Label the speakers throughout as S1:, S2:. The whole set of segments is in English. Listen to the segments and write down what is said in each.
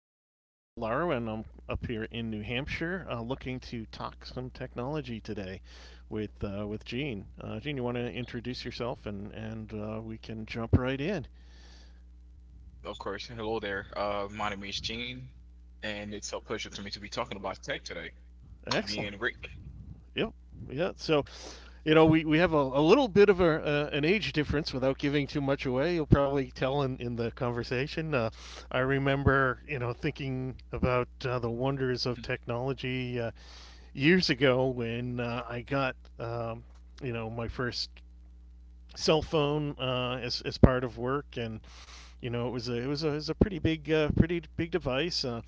S1: This is Rick Cavallaro, and I'm up here in New Hampshire looking to talk some technology today with Gene. Gene, you want to introduce yourself, and we can jump right in.
S2: Of course. Hello there. My name is Gene, and it's a pleasure to me to be talking about tech today. Me
S1: Excellent.
S2: and Rick.
S1: Yep. Yeah. So we have a little bit of an age difference without giving too much away. You'll probably tell in the conversation. I remember thinking about the wonders of technology years ago when I got, you know, my first cell phone as part of work, and you know, it was a pretty big device.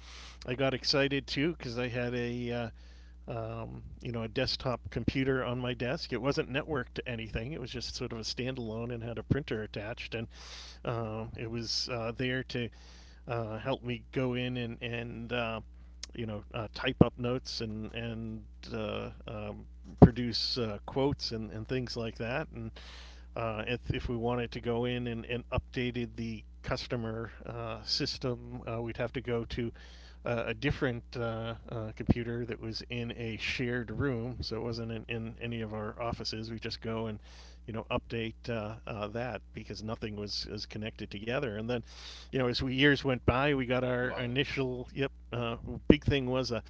S1: I got excited too because I had a you know a desktop computer on my desk. It wasn't networked to anything. It was just sort of a standalone and had a printer attached, and it was there to help me go in and type up notes and uh, um, produce quotes and things like that. And if we wanted to go in and updated the customer system, we'd have to go to a different computer that was in a shared room, so it wasn't in any of our offices. We just go and update that because nothing was connected together, and then you know, as we years went by, we got our
S2: Wow,
S1: initial. Yep, big thing was a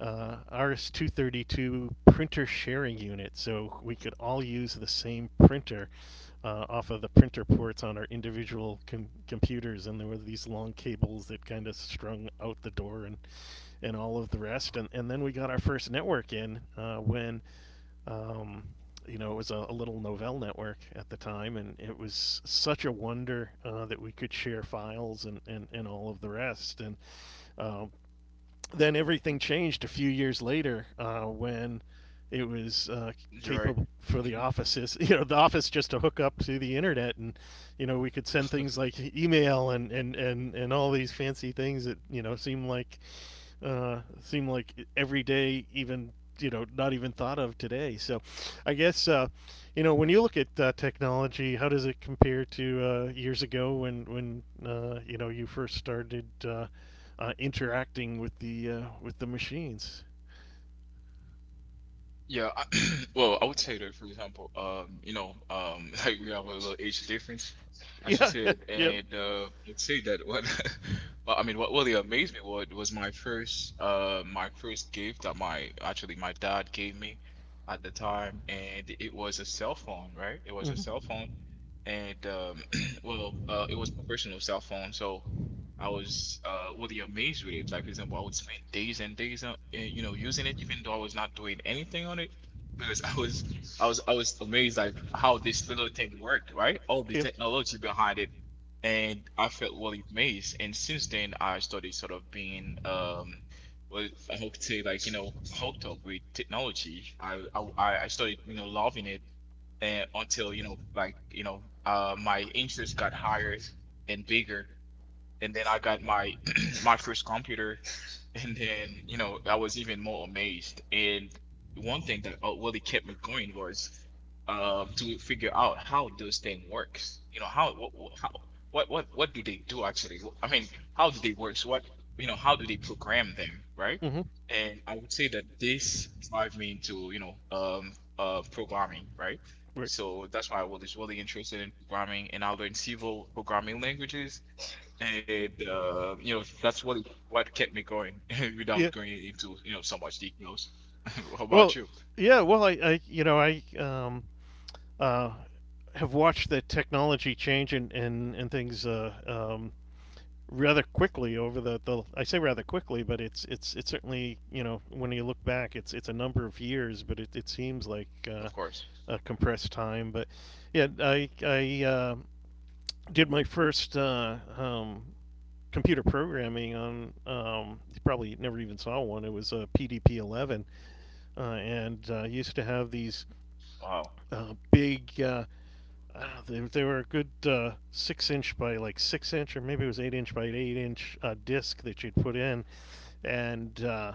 S1: RS-232 printer sharing unit, so we could all use the same printer off of the printer ports on our individual computers, and there were these long cables that kind of strung out the door and all of the rest. And then we got our first network in when um, you know, it was a little Novell network at the time, and it was such a wonder that we could share files and all of the rest. And um, then everything changed a few years later when it was
S2: you're right.
S1: capable for the
S2: Mhm.
S1: offices, you know, the office just to hook up to the internet, and you know, we could send things like email and all these fancy things that you know seem like every day, even you know, not even thought of today. So, I guess you know when you look at technology, how does it compare to years ago when you know you first started interacting with the machines?
S2: Yeah, I, well, I would say that, for example, you know, like we have a little age difference, as you
S1: Yeah,
S2: said,
S1: yeah.
S2: and I'd say that. Well, I mean, what really amazed me was my my first gift that my dad gave me at the time, and it was a cell phone, right? It was a cell phone and it was my personal cell phone, so I was really amazed with it. Like for example, I would spend days and days on, you know, using it, even though I was not doing anything on it, because I was amazed like how this little thing worked, right? All the technology behind it, and I felt really amazed. And since then, I started sort of being. Well, I hope to say like you know hooked up with technology. I started you know loving it and until you know like you know my interest got higher and bigger, and then I got my my first computer, and then, you know, I was even more amazed. And one thing that really kept me going was to figure out how those thing works. You know, how what do they do actually? I mean, how do they work? So What You know, how do they program them, right? And I would say that this drive me into, you know, programming, right? So that's why I was really interested in programming, and I learned several programming languages, and you know, that's what kept me going
S1: Yeah.
S2: without going into, you know, so much details. How
S1: Well,
S2: about you?
S1: yeah. Well, I you know, I uh, have watched the technology change and things rather quickly over the I say rather quickly, but it's certainly you know when you look back, it's a number of years, but it seems like
S2: Of course.
S1: a compressed time. But yeah, I did my first computer programming on. You probably never even saw one. It was a PDP 11, and used to have these
S2: Wow.
S1: big. I don't know, they were a good six-inch by like six inch, or maybe it was eight-inch by eight inch disc that you'd put in and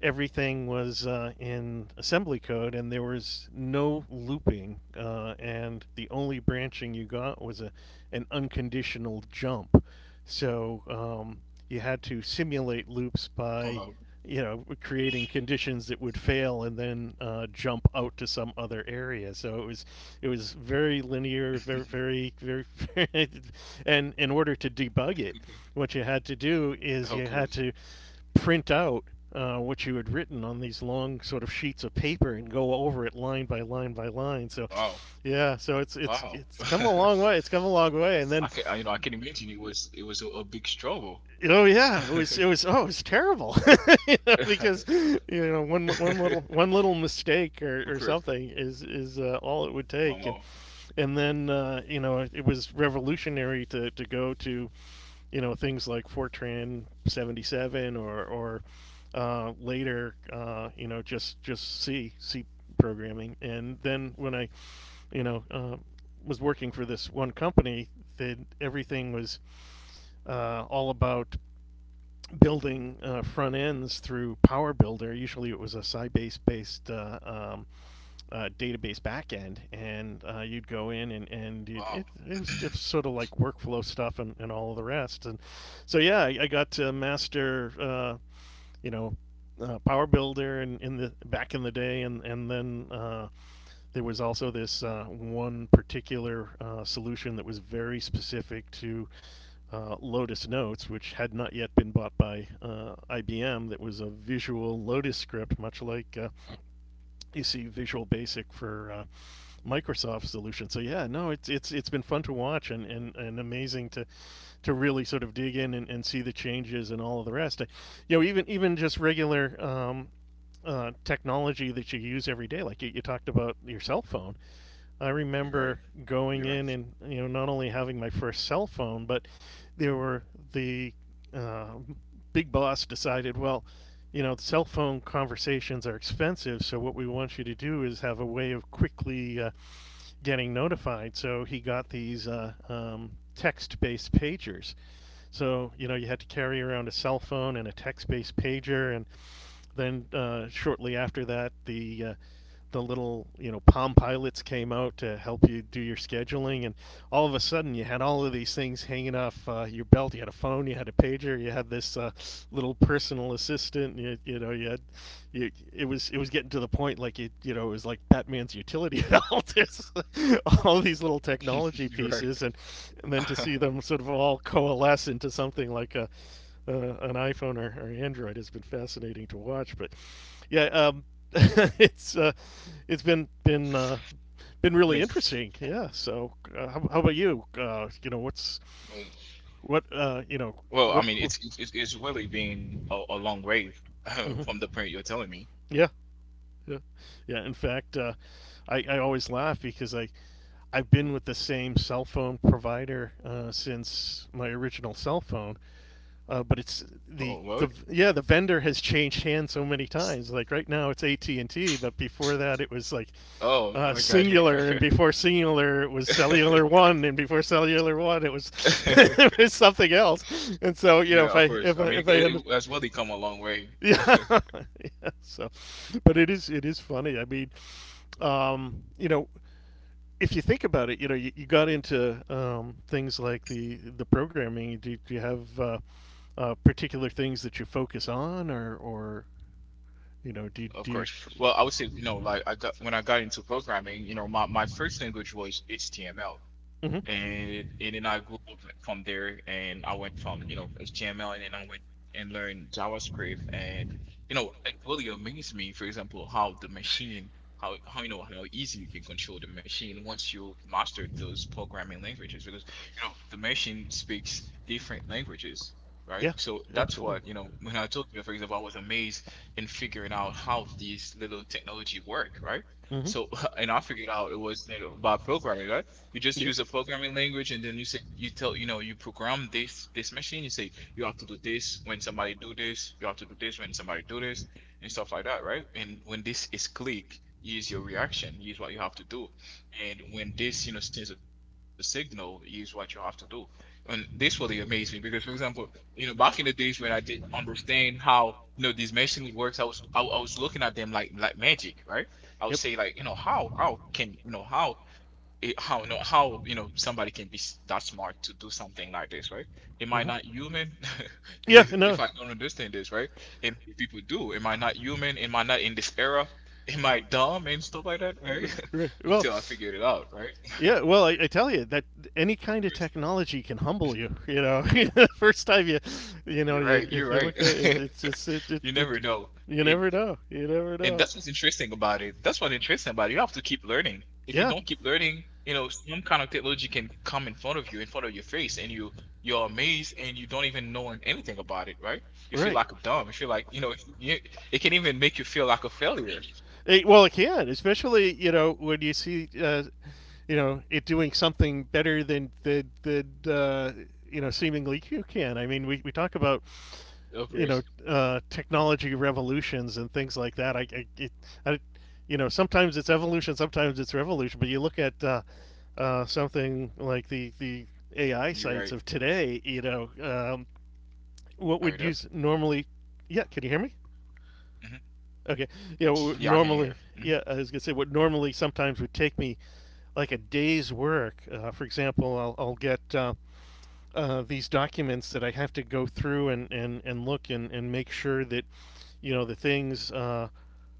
S1: everything was in assembly code, and there was no looping, and the only branching you got was a an unconditional jump. So you had to simulate loops by
S2: Wow.
S1: you know creating conditions that would fail and then jump out to some other area, so it was very linear, very very very. And in order to debug it, what you had to do is
S2: Of
S1: you had
S2: course.
S1: to print out what you had written on these long sort of sheets of paper and go over it line by line by line. So,
S2: Wow.
S1: yeah, so it's it's
S2: Wow.
S1: it's come a long way. It's come a long way, and then
S2: You know, I can imagine it was a big struggle.
S1: oh yeah, it was oh, it was terrible. You know, because you know one little mistake or,
S2: Of
S1: or
S2: course.
S1: something is all it would
S2: One
S1: take, and
S2: more.
S1: then you know it was revolutionary to go to you know things like Fortran 77 or later you know just C programming, and then when I you know was working for this one company that everything was all about building front ends through Power Builder. Usually it was a Sybase based database backend, and you'd go in and and it,
S2: Wow.
S1: it it was just sort of like workflow stuff and all of the rest. And so yeah, I got to master you know Power Builder and in the back in the day, and then there was also this one particular solution that was very specific to Lotus Notes, which had not yet been bought by IBM. That was a visual Lotus script, much like you see Visual Basic for Microsoft solution. So yeah, no, it's been fun to watch and amazing to really sort of dig in and see the changes and all of the rest. You know, even even just regular technology that you use every day, like you talked about your cell phone. I
S2: You're right.
S1: remember
S2: You're
S1: going in
S2: right.
S1: and you know not only having my first cell phone, but there were the uh, big boss decided, well, you know, cell phone conversations are expensive, so what we want you to do is have a way of quickly getting notified. So he got these text-based pagers. So you know you had to carry around a cell phone and a text-based pager, and then shortly after that, the little you know Palm Pilots came out to help you do your scheduling, and all of a sudden you had all of these things hanging off your belt. You had a phone, you had a pager, you had this little personal assistant. It was getting to the point like it you know it was like Batman's utility belt. All these little technology
S2: You're right.
S1: pieces, and then to see them sort of all coalesce into something like a uh, on iPhone, or Android has been fascinating to watch. But yeah, it's uh, it's been been
S2: I mean,
S1: really interesting. Yeah. So how about you? You know what's what you know
S2: Well, I
S1: what.
S2: mean, it's it's really been a long way
S1: Mhm.
S2: from the point you're telling me.
S1: Yeah. Yeah. Yeah. In fact, I always laugh because I've been with the same cell phone provider since my original cell phone, but it's
S2: Oh,
S1: the
S2: what?
S1: yeah, the vendor has changed hands so many times. Like right now it's AT&T, but before that it was like
S2: Oh, I got
S1: Singular, and
S2: it.
S1: before Singular it was Cellular One, and before Cellular One it was it was something else. And so you know
S2: Yeah,
S1: if
S2: of
S1: I
S2: course.
S1: if
S2: I
S1: I
S2: mean, it,
S1: if I end,
S2: it has really come a long way,
S1: yeah, yeah, so but it is funny, I mean, you know, if you think about it, you know, you got into things like the programming. Do you have particular things that you focus on, or you know, do
S2: of
S1: do you,
S2: course. Well, I would say, you know, like I got when I got into programming, you know, my first language was HTML.
S1: Mhm.
S2: And then I grew up from there, and I went from you know HTML, and then I went and learned JavaScript, and you know
S1: You
S2: it really amazed me, for example, how the machine, how you know how easy you can control the machine once you've mastered those programming languages, because you know the machine speaks different languages. Right, so that's what you know. When I told you, for example, I was amazed in figuring out how these little technology work, right?
S1: Mm-hmm.
S2: So, and I figured out it was, you know, by programming, right? You just use a programming language, and then you say you tell you know you program this machine. You say you have to do this when somebody do this. You have to do this when somebody do this and stuff like that, right? And when this is clicked, use your reaction, use what you have to do. And when this you know sends a signal, use what you have to do. And this really amazed me because, for example, you know back in the days when I didn't understand how you know these machinery works, I was looking at them like magic, right? I would say like
S1: Yep.
S2: you know how can you know how it, how no how you know somebody can be that smart to do something like this, right? Am I
S1: Hmm.
S2: not human?
S1: Yeah,
S2: Because if
S1: no.
S2: I don't understand this, right? And if people do, am I not human? Am I not in this era? Am I dumb and stuff like that, right?
S1: Well,
S2: Until I figured it out, right?
S1: yeah. Well, I tell you that any
S2: Of
S1: kind of
S2: course.
S1: technology can humble you. You know, the first time you
S2: You're
S1: know,
S2: right.
S1: you, you,
S2: You're
S1: you
S2: right.
S1: look at it, it's just it, it,
S2: You never
S1: it
S2: know.
S1: you
S2: It.
S1: never know. You never
S2: And
S1: know.
S2: that's what's interesting about it. That's what's interesting about it. You have to keep learning. If you
S1: Yeah.
S2: don't keep learning, you know, some kind of technology can come in front of you, in front of your face, and you're amazed and you don't even know anything about it, right? You feel
S1: Right.
S2: like a dumb. You feel like, you know, it can even make you feel like a failure.
S1: Well, it can, especially you know when you see you know it doing something better than the you know seemingly you can. I mean, we talk about
S2: Of
S1: you know
S2: course.
S1: technology revolutions and things like that. I, it, I you know sometimes it's evolution, sometimes it's revolution. But you look at something
S2: You're right.
S1: like the AI sites of today, you know,
S2: Are you there?
S1: what we would use normally? Yeah, can you hear me?
S2: Hmm.
S1: Okay. Yeah,
S2: Yeah, I can
S1: what
S2: hear. Hmm.
S1: normally. Yeah, I was gonna say what normally sometimes would take me like a day's work. For example, I'll get these documents that I have to go through and look and make sure that, you know, the things uh,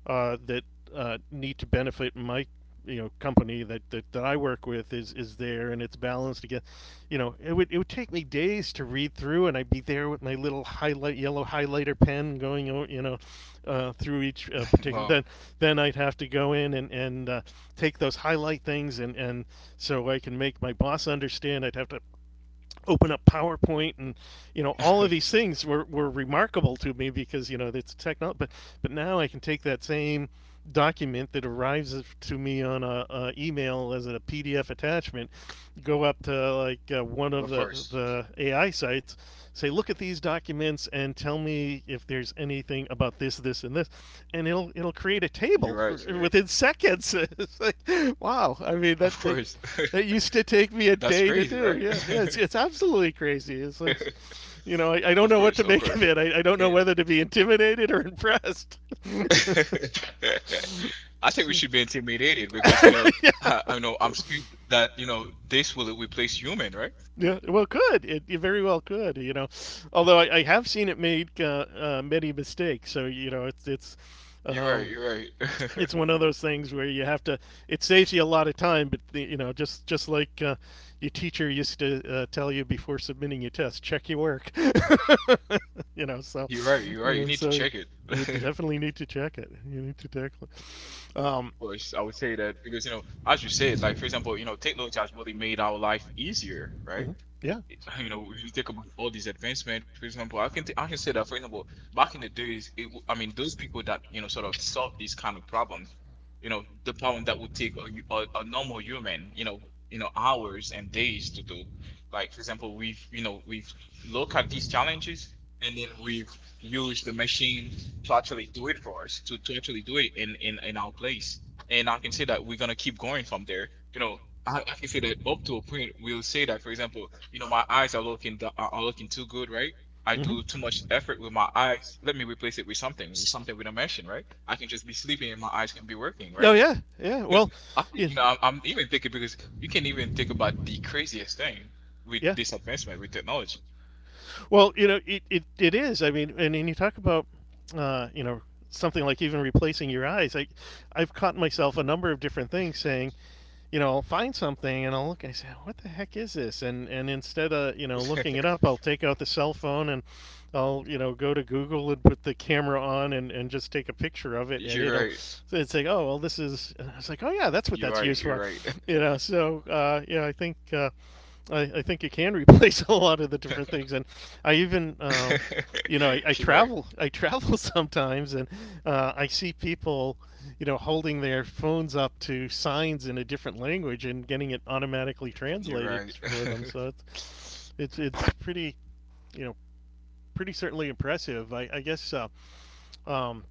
S1: uh, that need to benefit my, you know, company that, that I work with is there and it's balanced again. You know, it would take me days to read through, and I'd be there with my little highlight, yellow highlighter pen going, through each particular.
S2: Well,
S1: Then I'd have to go in and, and take those highlight things, and so I can make my boss understand. I'd have to open up PowerPoint, and you know all of these things were remarkable to me because you know it's technology. But now I can take that same document that arrives to me on a email as a PDF attachment, go up to like one of
S2: of
S1: the
S2: course.
S1: the AI sites, say look at these documents and tell me if there's anything about this, and this, and it'll create a
S2: You're
S1: table
S2: right.
S1: for,
S2: You're right.
S1: within seconds. It's like wow, I mean that
S2: Of
S1: they,
S2: course.
S1: that used to take me a
S2: That's
S1: day to
S2: crazy,
S1: do.
S2: right?
S1: Yeah, yeah, it's it's absolutely crazy. It's like, you know, I don't
S2: Of
S1: know what
S2: course,
S1: to
S2: of
S1: make of
S2: course.
S1: it. I don't know
S2: And.
S1: whether to be intimidated or impressed.
S2: I think we should be intimidated because you know
S1: Yeah.
S2: I know I'm scared that you know this will replace human, right?
S1: Yeah, well, could it, it very well could, you know, although I have seen it make many mistakes. So you know,
S2: You're right.
S1: um,
S2: You're right.
S1: it's one of those things where you have to. It saves you a lot of time, but the, you know, just just like your teacher used to tell you before submitting your test, check your work. You know, so
S2: You're right. You're right. You
S1: yeah,
S2: need to
S1: so
S2: check it.
S1: you definitely need to check it. You need to tackle it.
S2: Of course, I would say that because you know, as you said, like for example, you know, technology has really made our life easier, right?
S1: Mhm. Yeah.
S2: it's- you know, if you think about all these advancements, for example, I can say that for example, back in the days, I mean, those people that you know sort of solve these kind of problems, you know, the problem that would take a normal human, you know, hours and days to do. Like for example, we've you know we've looked at these challenges, and then we've used the machine to actually do it for us, to actually do it in our place. And I can say that we're gonna keep going from there. You know, I can say that up to a point we'll say that for example you know my eyes are are looking too good, right? I
S1: Mm-hmm.
S2: do too much effort with my eyes, let me replace it with something, with something we don't mention, right? I can just be sleeping and my eyes can be working, right?
S1: Oh yeah, yeah. Well, yeah. No,
S2: You
S1: if
S2: know
S1: it
S2: I'm even thinking because you can even think about the craziest
S1: thing.
S2: thing with
S1: Yeah.
S2: this advancement with technology.
S1: Well, you know, it is. I mean, and you talk about, you know, something like even replacing your eyes. I, I've caught myself a number of different things saying, you know, I'll find something and I'll look and I say, what the heck is this? And instead of, you know, looking it up, I'll take out the cell phone, and I'll, you know, go to Google and put the camera on, and just take a picture of it, and
S2: You're
S1: it'll,
S2: right,
S1: it's like, oh well this is, and I was like, oh yeah, that's what
S2: you're
S1: that's
S2: right,
S1: used for.
S2: you're right.
S1: You know, so yeah, I think I think it can replace a lot of the different things, and I even you know I
S2: You're right,
S1: travel I travel sometimes, and I see people you know holding their phones up to signs in a different language and getting it automatically
S2: you're
S1: translated
S2: right.
S1: for them. So it's pretty, you know, pretty certainly impressive. I guess um,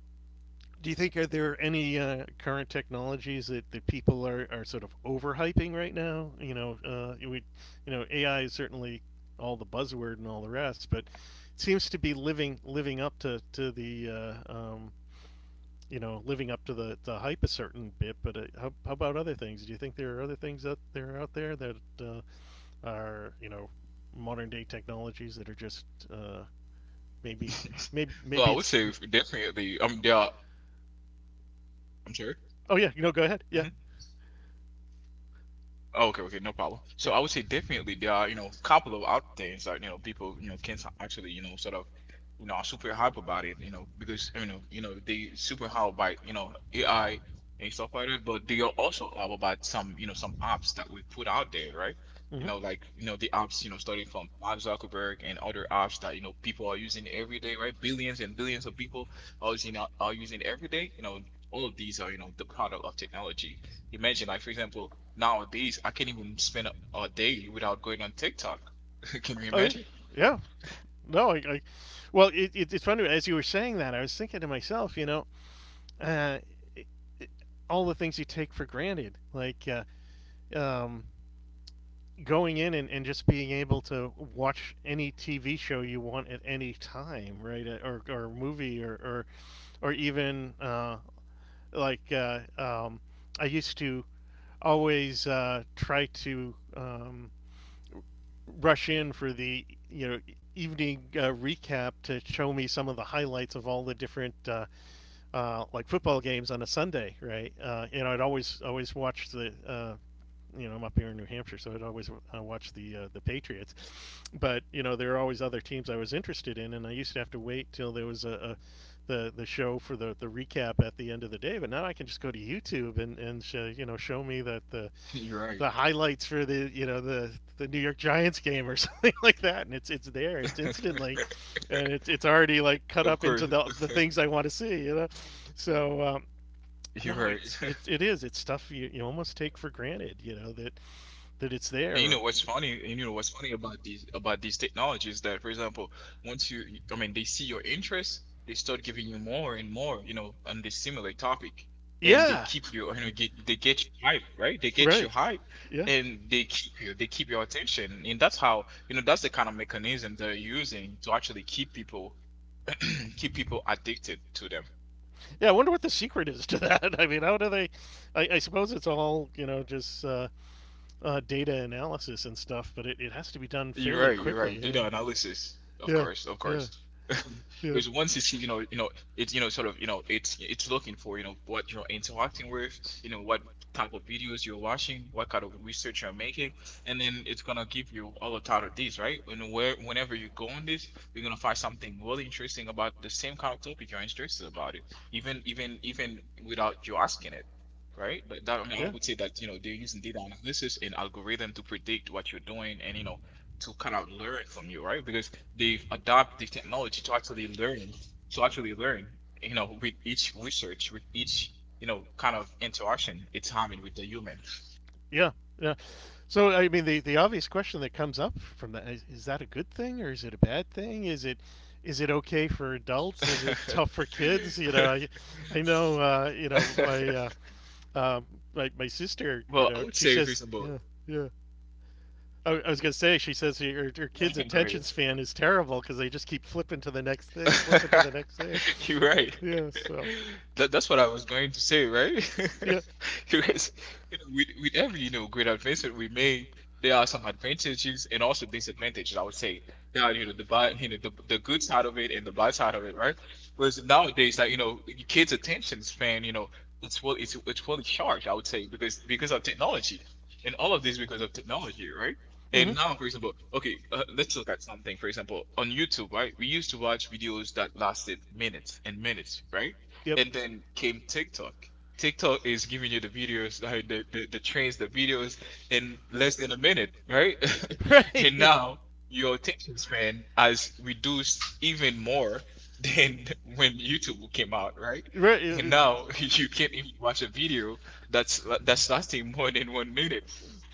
S1: do you think are there any current technologies that, that people are sort of overhyping right now? You know, we, you know, AI is certainly all the buzzword and all the rest, but it seems to be living up to the you know living up to the hype a certain bit. But how about other things? Do you think there are other things out there that are you know modern day technologies that are just uh, maybe maybe
S2: So I
S1: maybe
S2: would
S1: it's
S2: say definitely, I mean there are I'm sure.
S1: oh yeah you know go ahead yeah.
S2: Oh, okay, okay, no problem.
S1: Yeah.
S2: So I would say definitely there are, you know, a couple of out things that, you know, people, you know, can actually, you know, sort of,
S1: Of.
S2: you know, are super hype about it, you know, because, you know, they super hype by, you know, AI and stuff like that, but they are also hype about some, you know, some apps that we put out there, right? You
S1: Mhm.
S2: know, like, you know, the apps, you know, starting from Mark Zuckerberg and other apps that, you know, people are using every day, right? Billions and billions of people are using every day. You know, all of these are, you know, the product of technology. Imagine, like for example, nowadays I can't even spend a day without going on TikTok. Can you
S1: Oh, yeah. Image.
S2: imagine?
S1: Yeah. No, I well, it's funny as you were saying that, I was thinking to myself, you know, uh, it, it, all the things you take for granted, like um, going in and just being able to watch any TV show you want at any time, right? Uh, or movie, or even like uh, um, I used to always try to rush in for the you know evening recap to show me some of the highlights of all the different like football games on a Sunday, right? You know, I'd always watch the you know I'm up here in New Hampshire, so I'd always watch the Patriots. But you know there are always other teams I was interested in, and I used to have to wait till there was a the show for the recap at the end of the day. But now I can just go to YouTube and sh- you know show me that
S2: You're right.
S1: the highlights for the you know the New York Giants game or something like that, and it's there, it's instantly, and it's already like
S2: Of
S1: cut up
S2: course,
S1: into the things I want to see, you know. So
S2: you're
S1: no,
S2: right.
S1: it's it it is, it's stuff you, you almost take for granted, you know that that it's there.
S2: And you
S1: Or...
S2: know what's funny, and you know what's funny about these technologies that, for example, once you, I mean, they see your interest, they start giving you more and more, you know, on this similar topic, and they
S1: Yeah.
S2: keep you, you know, get they get you hype, right? They get you
S1: Right.
S2: hype,
S1: Yeah,
S2: and they keep you, they keep your attention, and that's how, you know, that's the kind of mechanism they're using to actually keep people, keep people addicted to them.
S1: yeah. I wonder what the secret is to that. I mean, how do they? I suppose it's all you know, just data analysis and stuff, but it has to be done
S2: You're
S1: fairly
S2: right, you're right.
S1: quickly. Yeah,
S2: Data analysis, of
S1: yeah,
S2: course, of
S1: yeah,
S2: course.
S1: yeah. Right?
S2: Because once you see, you know, it's you know, sort of, you know, it's looking for, you know, what you're interacting with, you know, what type of videos you're watching, what kind of research you're making, and then it's gonna give you all the out of this, right? And where whenever you go on this, you're gonna find something really interesting about the same kind of topic you're interested about it, even without you asking it. Right, but that I mean, I
S1: Yeah.
S2: would say that you know they're using data analysis and algorithm to predict what you're doing, and you know to kind of learn from you, right? Because they've adopted the technology to actually learn, you know, with each research, with each, you know, kind of interaction it's having with the human.
S1: Yeah, yeah. So I mean, the obvious question that comes up from that is that a good thing or is it a bad thing? Is it okay for adults? Is it tough for kids? You know, I know you know my uh, my my sister. You
S2: Well, I
S1: know,
S2: would
S1: she
S2: say, first
S1: says
S2: of all,
S1: yeah yeah. I was gonna say she says her, her
S2: no, you
S1: kid's
S2: can go
S1: attention
S2: ahead.
S1: span is terrible because they just keep flipping to the next thing, flipping to the next thing.
S2: You're right.
S1: Yeah. So
S2: That's what I was going to say, right?
S1: yeah.
S2: Because, you know, with every, you know, great advancement we made, there are some advantages and also disadvantages, I would say. There are, you know, the bad, you know, the good side of it and the bad side of it, right? Whereas nowadays, like, you know, kids' attention span, you know, it's well, it's well charged, I would say, because of technology. And all of this because of technology, right?
S1: Hmm.
S2: And now, for example, okay, let's look at something. For example, on YouTube, right? We used to watch videos that lasted minutes and minutes, right?
S1: Yep.
S2: And then came TikTok. TikTok is giving you the videos, the videos in less than a minute, right?
S1: Right.
S2: And
S1: Yeah,
S2: now your attention span has reduced even more than when YouTube came out, right?
S1: right? Right. Yeah,
S2: And
S1: and
S2: now you can't even watch a video that's lasting more than 1 minute.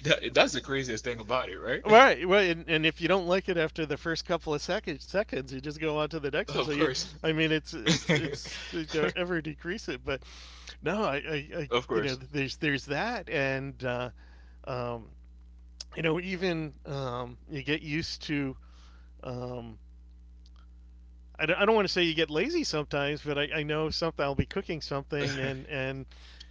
S2: That's the craziest thing about it, right?
S1: right, right, and if you don't like it after the first couple of seconds, you just go on to the next one. So
S2: Of
S1: you,
S2: course.
S1: I mean, it's it's it's you know, ever decrease it, but no, I
S2: Of
S1: you know,
S2: course.
S1: there's that, and um, you know, even you get used to um, I don't want to say you get lazy sometimes, but I know something. I'll be cooking something, and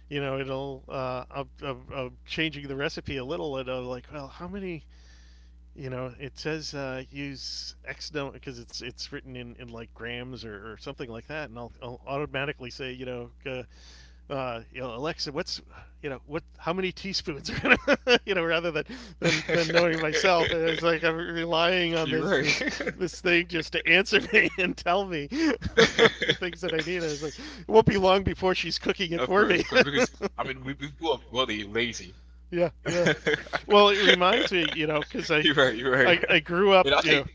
S1: you know it'll I'm changing the recipe a little, and I'm like, well, how many? You know, it says use X number, because it's written in like grams or something like that, and I'll automatically say, you know, Alexa, what's, you know, what, how many teaspoons are gonna, you know, rather than, than, knowing myself, and it's like I'm relying on
S2: You're
S1: this, this,
S2: right.
S1: this thing just to answer me and tell me the things that I need. And it's like, it won't be long before she's cooking it for me.
S2: Of course, because I mean we grew up really lazy.
S1: Yeah, yeah. Well, it reminds me, you know, because I,
S2: You're right, you're right.
S1: I, I grew up,
S2: But I
S1: you
S2: think
S1: know,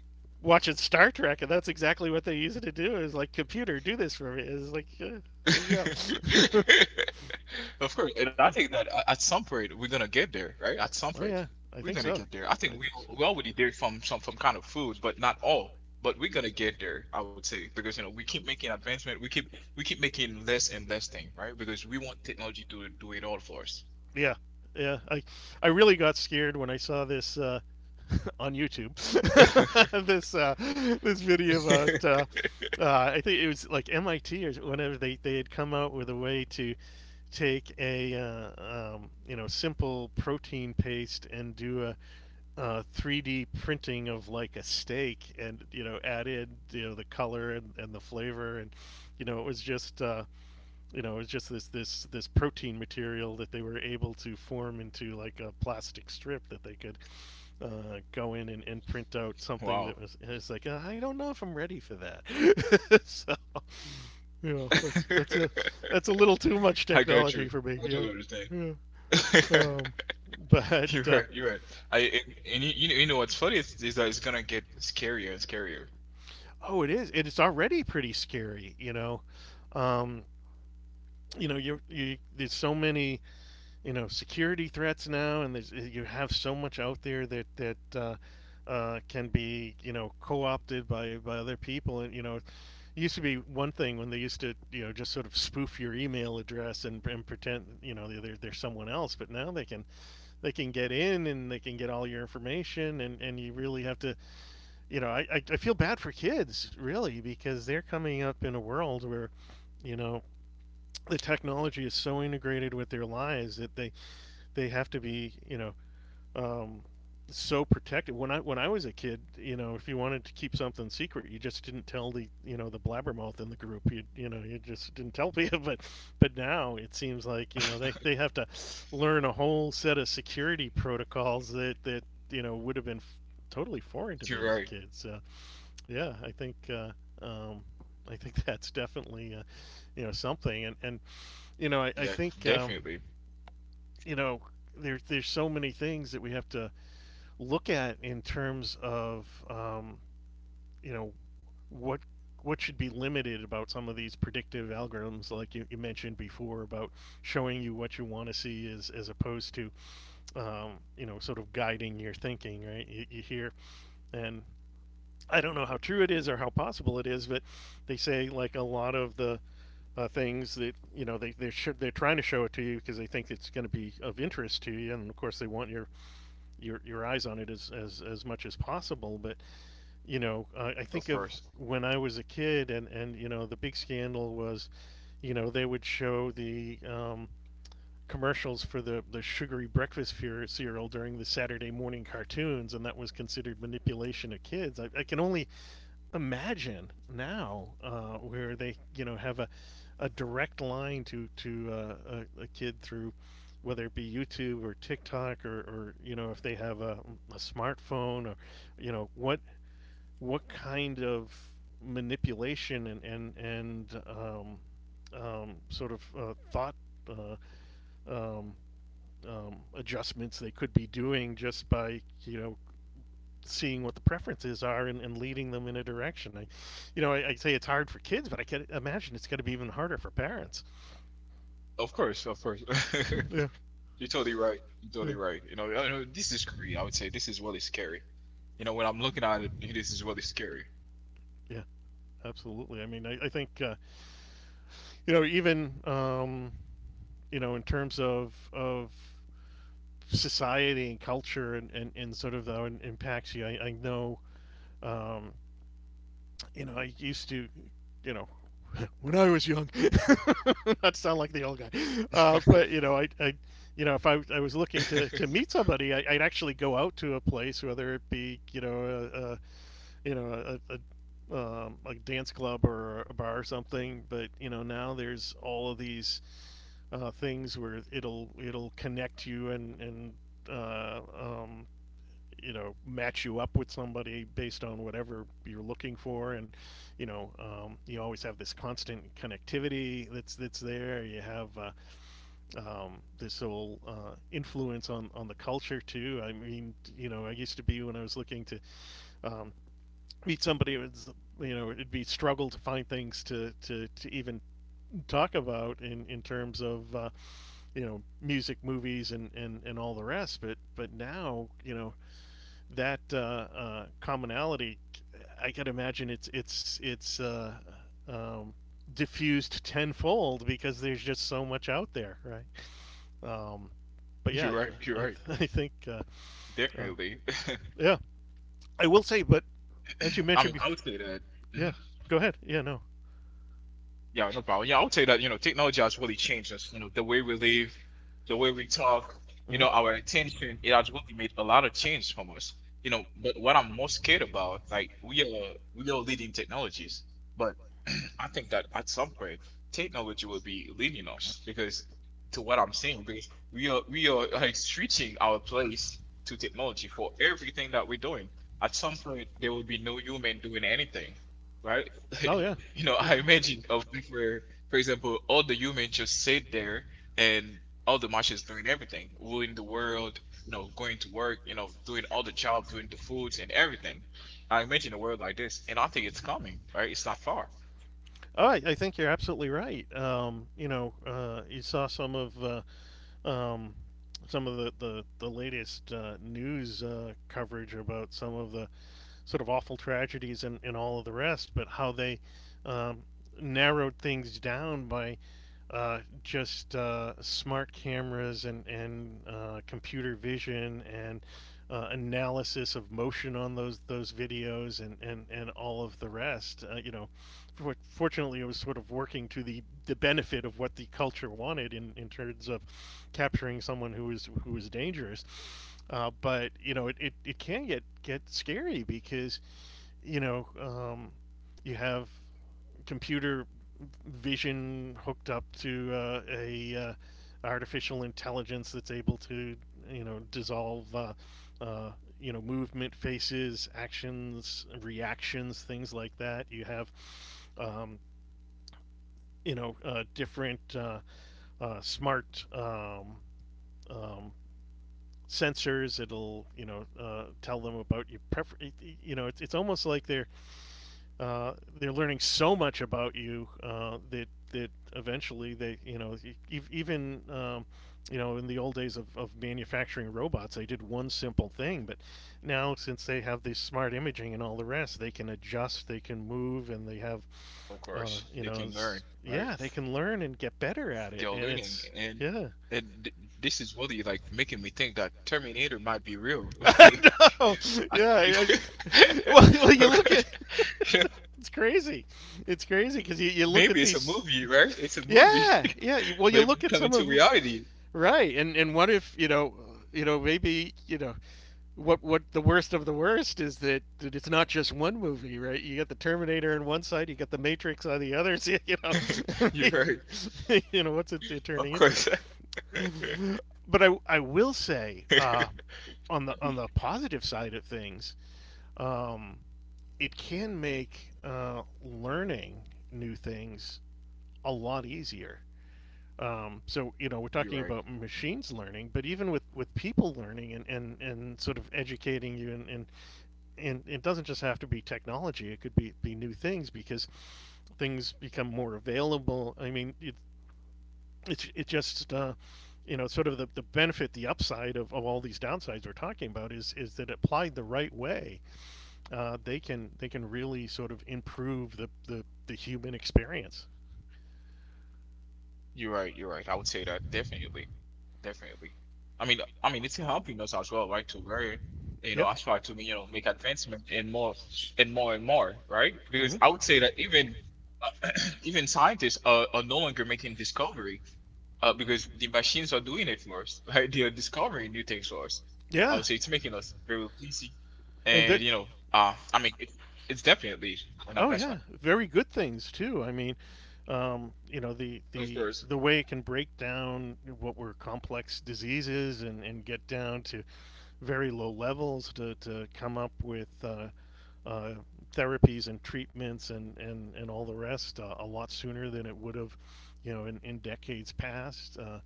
S1: watching Star Trek, and that's exactly what they use it to do. Is like, computer, do this for me. It's like, yeah, there you go.
S2: of course, and I think that at some point we're gonna get there, right? At some
S1: Oh
S2: point
S1: yeah, I
S2: we're
S1: think
S2: gonna
S1: so.
S2: get there. I
S1: I
S2: think we
S1: think so.
S2: we already there from some kind of food, but not all. But we're gonna get there, I would say, because you know we keep making advancement, we keep making less and less thing, right? Because we want technology to do it all for us.
S1: Yeah, yeah. I really got scared when I saw this on YouTube. This this video about I think it was like MIT or whatever they had come out with a way to take a you know simple protein paste and do a 3D printing of like a steak, and you know, added you know the color and the flavor, and you know, it was just you know, it was just this this protein material that they were able to form into like a plastic strip that they could go in and print out something
S2: Wow.
S1: that was. It's like I don't know if I'm ready for that. So you know, that's that's a little too much
S2: I got
S1: technology
S2: you.
S1: for
S2: I
S1: me. Yeah,
S2: totally understand.
S1: yeah. Um, but
S2: You're right. You're right. I and you know what's funny is that it's gonna get scarier and scarier.
S1: oh, it is. It's already pretty scary, you know. Um, you know, you there's so many, you know, security threats now, and there's you have so much out there that that can be, you know, co-opted by other people. And you know, it used to be one thing when they used to, you know, just sort of spoof your email address and pretend, you know, they're someone else. But now they can get in and they can get all your information, and you really have to you know, feel bad for kids, really, because they're coming up in a world where, you know, the technology is so integrated with their lives that they have to be, you know, um, so protected. When I was a kid, you know, if you wanted to keep something secret, you just didn't tell the you know the blabbermouth in the group. You know you just didn't tell people. But now it seems like they have to learn a whole set of security protocols that would have been totally foreign to
S2: You're
S1: me as a
S2: right.
S1: kid. So yeah, um, I think that's definitely something, and I
S2: Yeah,
S1: think
S2: definitely.
S1: you know there's so many things that we have to look at in terms of you know what what should be limited about some of these predictive algorithms like you mentioned before about showing you what you want to see as opposed to sort of guiding your thinking, right? You hear, and I don't know how true it is or how possible it is, but they say like a lot of the things that they're trying to show it to you because they think it's going to be of interest to you, and of course they want your eyes on it as, as much as possible. But I
S2: Of
S1: think of
S2: course.
S1: when I was a kid, and the big scandal was, they would show the commercials for the sugary breakfast cereal during the Saturday morning cartoons, and that was considered manipulation of kids. I can only imagine now where they have a direct line to a kid through whether it be YouTube or TikTok, or if they have a smartphone or you know what what kind of manipulation and sort of thought uh, um, adjustments they could be doing just by seeing what the preferences are and leading them in a direction. I, you know, I say it's hard for kids, but I can imagine it's going to be even harder for parents.
S2: Of course. Of course.
S1: Yeah,
S2: You're totally right. You're
S1: yeah.
S2: totally
S1: you
S2: right. You know, I know this is scary. I would say this is really scary. You know, when I'm looking at it, this is really scary.
S1: Absolutely. I mean, I think even in terms of society and culture and and sort of how it impacts you. I know um, I used to, you know, when I was young, not sound like the old guy, but if I was looking to meet somebody, I'd actually go out to a place, whether it be, you know, a you know, a dance club or a bar or something. But now there's all of these things where it'll connect you and uh, um, match you up with somebody based on whatever you're looking for, and you always have this constant connectivity that's there. You have this whole influence on the culture too. I mean, I used to be, when I was looking to um, meet somebody, it was it'd be struggle to find things to even talk about in terms of music, movies, and all the rest. But now that commonality, I could imagine it's um, diffused tenfold because there's just so much out there, right? Um, but yeah,
S2: You're right. You're
S1: I,
S2: right.
S1: I think uh,
S2: Definitely.
S1: yeah, I will say, but as you
S2: I
S1: mentioned
S2: mean, I would
S1: before,
S2: say that.
S1: yeah,
S2: Mm-hmm.
S1: go ahead, yeah, no,
S2: Yeah, no problem. Yeah, I would say that, you know, technology has really changed us, you know, the way we live, the way we talk, you
S1: mm-hmm.
S2: know, our attention, it has really made a lot of change from us. You know, but what I'm most scared about, like we are leading technologies, but I think that at some point technology will be leading us because to what I'm saying, because we are like switching our place to technology for everything that we're doing. At some point there will be no human doing anything, right?
S1: Oh yeah.
S2: You know, I imagine of things where, for example, all the humans just sit there and all the machines doing everything, ruling the world, you know, going to work, you know, doing all the jobs, doing the foods and everything. I imagine a world like this, and I think it's coming, right? It's not far,
S1: Oh, I think you're absolutely right. You saw um, some of the latest news coverage about some of the sort of awful tragedies and all of the rest, but how they um, narrowed things down by just smart cameras and computer vision and analysis of motion on those videos and and, all of the rest. Fortunately, it was sort of working to the benefit of what the culture wanted in terms of capturing someone who is dangerous. But it can get scary because you know um, you have computer vision hooked up to a artificial intelligence that's able to dissolve uh, movement, faces, actions, reactions, things like that. You have um, different smart um, sensors. It'll tell them about your preference. You know, it's almost like they're learning so much about you that that eventually they even in the old days of manufacturing robots, they did one simple thing. But now, since they have this smart imaging and all the rest, they can adjust, they can move, and they have
S2: of course. They can learn,
S1: it's,
S2: right?
S1: yeah, they can learn and get better at it,
S2: They're
S1: and
S2: learning,
S1: it's
S2: and
S1: yeah.
S2: and th- this is really like making me think that Terminator might be real.
S1: I know.
S2: I
S1: Yeah.
S2: think you.
S1: Well, well, you look at,
S2: Okay.
S1: it's crazy. It's crazy because you look
S2: Maybe
S1: at
S2: it's a
S1: these.
S2: movie, right? It's a movie,
S1: Yeah, yeah. Well,
S2: but
S1: you
S2: it
S1: look
S2: would
S1: at
S2: come
S1: some of
S2: into
S1: them.
S2: reality.
S1: Right, and what if maybe what the worst of the worst is, that, that it's not just one movie, right? You got the Terminator on one side, you got the Matrix on the other. So, you know,
S2: You're right.
S1: you know what's it
S2: Of
S1: turning into?
S2: course.
S1: But I will say
S2: I
S1: on the on
S2: mean,
S1: the positive side of things, um, it can make learning new things a lot easier. So we're
S2: you're
S1: talking
S2: right.
S1: about machines learning, but even with people learning and sort of educating you and it doesn't just have to be technology. It could be new things because things become more available. I mean, it just sort of the benefit, the upside of all these downsides we're talking about is that applied the right way, they can, they can really sort of improve the human experience.
S2: You're right. You're right. I would say that definitely, definitely. I mean, it's helping us as well, right? To learn, you know,
S1: Yep.
S2: as far to you know, make advancement and more and more and more, right? Because
S1: Hmm.
S2: I would say that even even scientists are no longer making discovery. Because the machines are doing it for us, right? They are discovering new things for us. I
S1: Yeah.
S2: would say it's making us very busy,
S1: And
S2: and
S1: ve-
S2: you know, I mean, it's definitely an
S1: oh yeah,
S2: advancement.
S1: very good things too. I mean,
S2: Of course,
S1: the way it can break down what were complex diseases and get down to very low levels to come up with uh, therapies and treatments and all the rest, a lot sooner than it would have, you know, in decades past.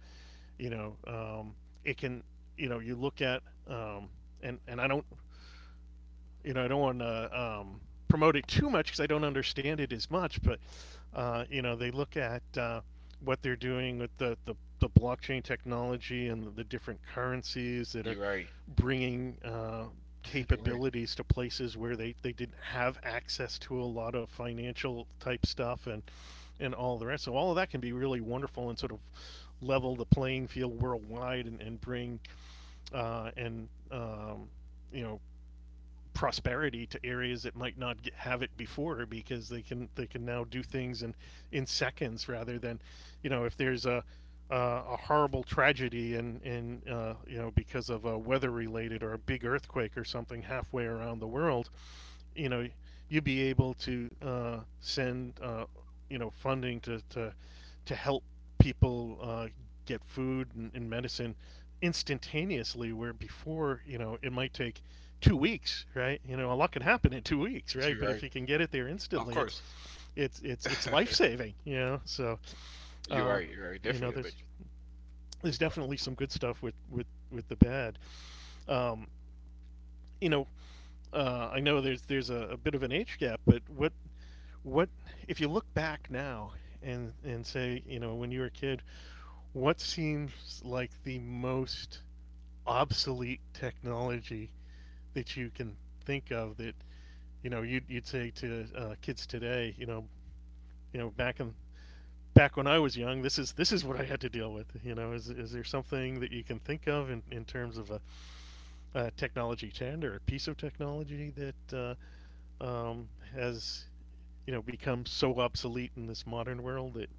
S1: you know, um, it can, you know, you look at, and I don't, you know, I don't want to promote it too much because I don't understand it as much. But you know, they look at what they're doing with the blockchain technology and the different currencies that are
S2: you're right.
S1: bringing
S2: You're right.
S1: capabilities to places where they didn't have access to a lot of financial type stuff and all the rest. So all of that can be really wonderful and sort of level the playing field worldwide and bring and you know prosperity to areas that might not get, have it before because they can now do things in seconds rather than, you know, if there's a horrible tragedy and you know, because of a weather related or a big earthquake or something halfway around the world, you know, you'd be able to send, you know, funding to help people get food and medicine instantaneously, where before, you know, it might take 2 weeks, right? You know, a lot can happen in 2 weeks, right?
S2: You're
S1: But if
S2: right.
S1: you can get it there
S2: Of
S1: instantly,
S2: course.
S1: it's life saving, you know? So,
S2: You're
S1: uh,
S2: right. You're right.
S1: you know,
S2: Definitely.
S1: there's definitely some good stuff with, with the bad. Um, you know, I know there's a bit of an age gap, but what if you look back now and say, you know, when you were a kid, what seems like the most obsolete technology that you can think of, that you know you'd, you'd say to kids today, you know, you know, back in back when I was young, this is what I had to deal with. You know, is there something that you can think of in terms of a technology trend or a piece of technology that uh, um, has, you know, become so obsolete in this modern world that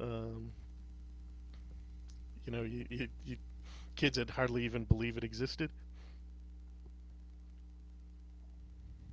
S1: um, you know, you kids had hardly even believe it existed.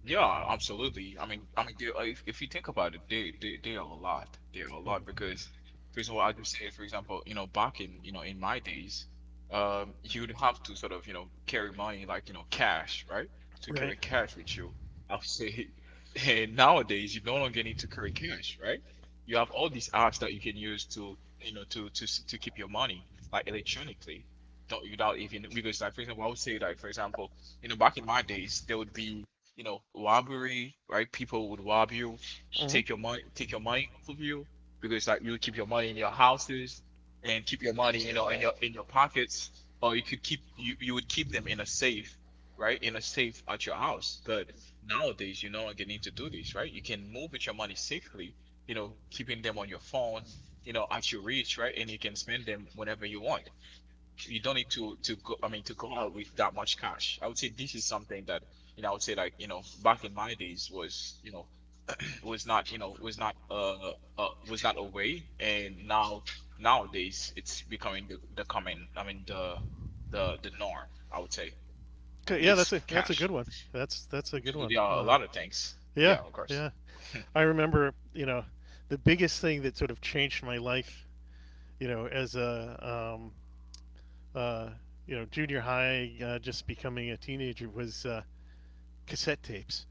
S2: Yeah, absolutely. I mean, they, if you think about it, they are a lot. They are a
S1: Mm.
S2: lot because, for example, I just say, for example, you know, back in you know in my days, you'd have to sort of you know carry money like you know cash, right? To
S1: Right.
S2: carry cash with you, I would say. And nowadays, you no longer need to carry cash, right? You have all these apps that you can use to you know to keep your money like electronically. Don't without even because like for example, I would say like for example you know, back in my days, there would be you know, robbery, right? People would rob you,
S1: Mm-hmm.
S2: take your money off of you because like you keep your money in your houses and keep your money, you know, in your pockets, or you would keep them in a safe, right? In a safe at your house. But nowadays, you no longer need to do this, right? You can move with your money safely, you know, keeping them on your phone, you know, at your reach, right? And you can spend them whenever you want. You don't need to go, I mean, to go out with that much cash. I would say this is something that, you know, I would say, like, you know, back in my days was, you know, was not, you know, was not a way, and now nowadays it's becoming the common, I mean, the norm, I would say. It's
S1: Okay, yeah,
S2: cash.
S1: that's a good one.
S2: Even
S1: That's a
S2: though there
S1: good
S2: are
S1: one.
S2: a lot of things, yeah, of
S1: Yeah,
S2: course.
S1: yeah. I remember, you know, the biggest thing that sort of changed my life, you know, as a uh, you know junior high, just becoming a teenager was cassette tapes.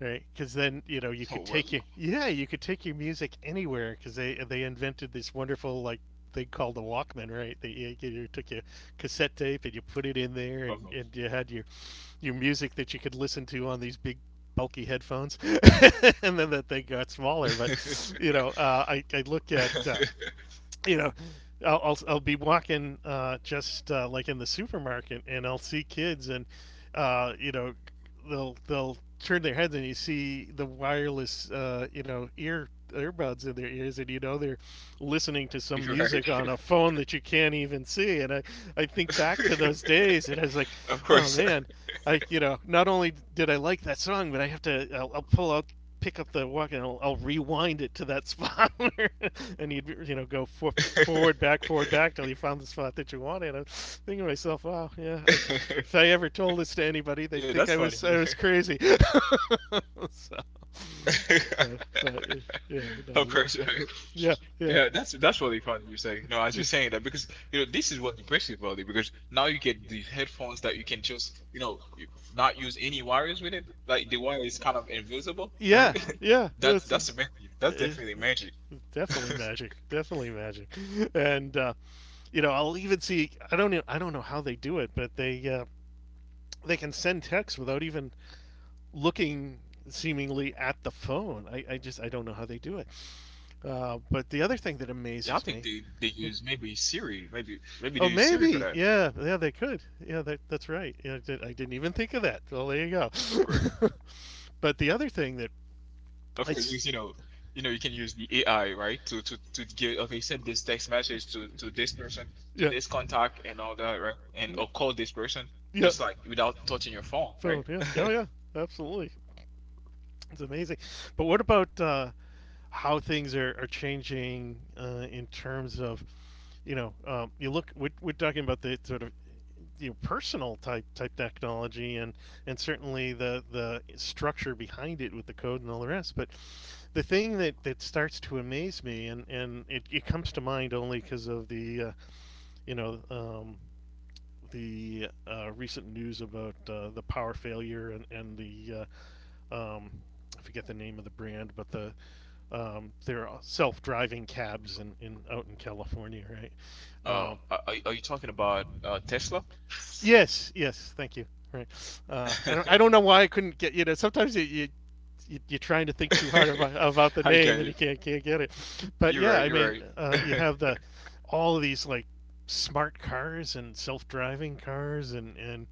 S1: Right, because then you know you
S2: Oh
S1: could
S2: well,
S1: take your yeah you could take your music anywhere because they invented this wonderful like thing called the Walkman, right? That you took your cassette tape and you put it in there,
S2: bummer.
S1: and you had your music that you could listen to on these big bulky headphones, and then that they got smaller. But I look at you know, I'll be walking just like in the supermarket and I'll see kids and, uh, you know, they'll turn their heads and you see the wireless, ear earbuds in their ears and you know they're listening to some
S2: You're right.
S1: music on a phone that you can't even see and I think back to those days and I was like
S2: Of
S1: oh
S2: course.
S1: man I, not only did I like that song but I have to I'll pull out pick up the walk and I'll rewind it to that spot. And you'd you know forward back till you found the spot that you wanted. I'm thinking to myself, wow, if I ever told this to anybody, they'd
S2: Yeah,
S1: think
S2: that's funny.
S1: I was crazy. so, but but eh, yeah,
S2: Of
S1: no, that
S2: course. Yeah.
S1: yeah yeah.
S2: Yeah, that's really funny you say. No, as you're saying that because you know this is what impressive about it because now you get these headphones that you can just you know not use any wires with it. Like the wire is kind of invisible,
S1: Yeah,
S2: right?
S1: yeah,
S2: That's
S1: that's,
S2: that's magic. That's
S1: it,
S2: definitely magic.
S1: definitely magic, definitely magic. And you know, I'll even see I don't know how they do it but they can send text without even looking seemingly at the phone. I just I don't know how they do it. But the other thing that
S2: Yeah, I
S1: amazes
S2: think
S1: me,
S2: they
S1: yeah.
S2: use maybe Siri, maybe they
S1: Oh
S2: use Siri for
S1: maybe
S2: that,
S1: yeah yeah they could yeah that's right yeah, I didn't even think of that, well there you go.
S2: of course.
S1: But the other thing that
S2: Of
S1: I,
S2: course, because you know, you know, you can use the AI, right? To give, okay, send this text message to this person, to
S1: yeah.
S2: this contact, and all that, right? And or call this person,
S1: Yeah.
S2: just like without touching your phone,
S1: Phone.
S2: right?
S1: Yeah. Yeah. Yeah. Absolutely. It's amazing. But what about how things are changing in terms of, you know, you look, we're talking about the sort of, you know, personal type technology and certainly the structure behind it with the code and all the rest. But the thing that starts to amaze me, and it comes to mind only because of you know, um, the recent news about the power failure and the uh, um, I forget the name of the brand, but the they're self-driving cabs in out in California, right?
S2: Uh,
S1: Um,
S2: are, are are you talking about Tesla?
S1: yes, yes, thank you. Right. I don't know why I couldn't get, you know sometimes you're trying to think too hard about the
S2: I
S1: name
S2: get
S1: and you
S2: it.
S1: can't get it, but
S2: You're
S1: yeah,
S2: right.
S1: I mean,
S2: You're
S1: you
S2: right.
S1: have the all of these like smart cars and self-driving cars and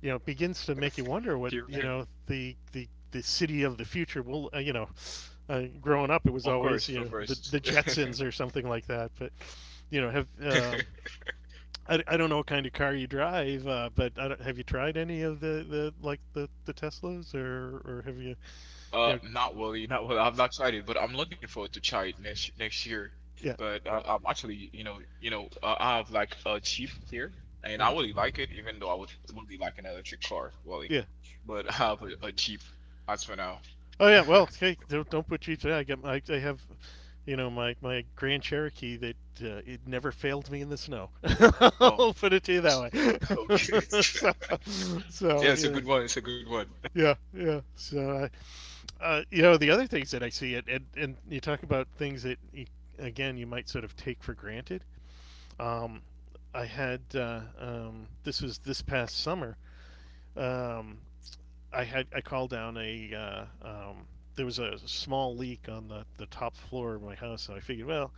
S1: you know, begins to make you wonder what
S2: You're
S1: you
S2: right.
S1: know the city of the future will. Growing up, it was
S2: Of
S1: always
S2: course,
S1: you
S2: of
S1: know
S2: course.
S1: the Jetsons or something like that. But you know, have I don't know what kind of car you drive, but I don't, have you tried any of the like the Teslas or have you you know?
S2: Not
S1: Not
S2: really, not really.
S1: really,
S2: I'm not excited, but
S1: but
S2: I'm
S1: I'm
S2: looking
S1: looking
S2: forward to
S1: forward
S2: try
S1: to
S2: it
S1: China
S2: next
S1: next
S2: next year.
S1: year.
S2: But I'm actually, you know, I have like a Jeep here, and
S1: Yeah.
S2: I
S1: Hmm.
S2: really like it, even though I would really like an electric car, really.
S1: Yeah.
S2: But I have a Jeep as for now.
S1: Oh yeah, well, hey, don't put Jeeps. I have, you know, my Grand Cherokee that it never failed me in the snow.
S2: Oh.
S1: I'll put it to you
S2: Okay.
S1: that way. so,
S2: Yeah,
S1: so
S2: it's a
S1: you know,
S2: good one. It's a good one.
S1: yeah, yeah. So, you know, the other things that I see it, and you talk about things that you might sort of take for granted. Um, I had this was this past summer. Um, I called down a there was a small leak on the top floor of my house, so I figured, well,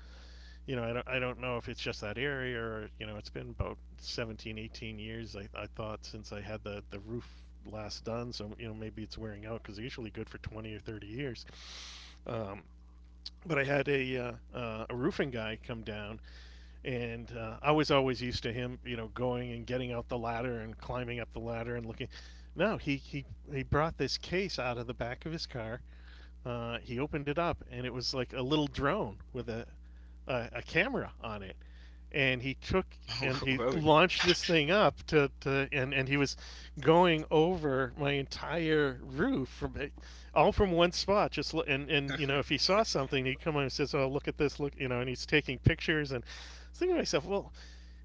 S1: you know, I don't know if it's just that area or, you know, it's been about 17, 18 years, I thought, since I had the roof last done, so, you know, maybe it's wearing out because they're usually good for 20 or 30 years. Um, but I had a roofing guy come down and I was always used to him, you know, going and getting out the ladder and climbing up the ladder and looking. No, he brought this case out of the back of his car, he opened it up and it was like a little drone with a camera on it. And he took and he
S2: Really?
S1: launched this thing to and he was going over my entire roof from all from one spot just lo- and you know if he saw something he'd come on and says oh look at this look you know and he's taking pictures and I was thinking to myself well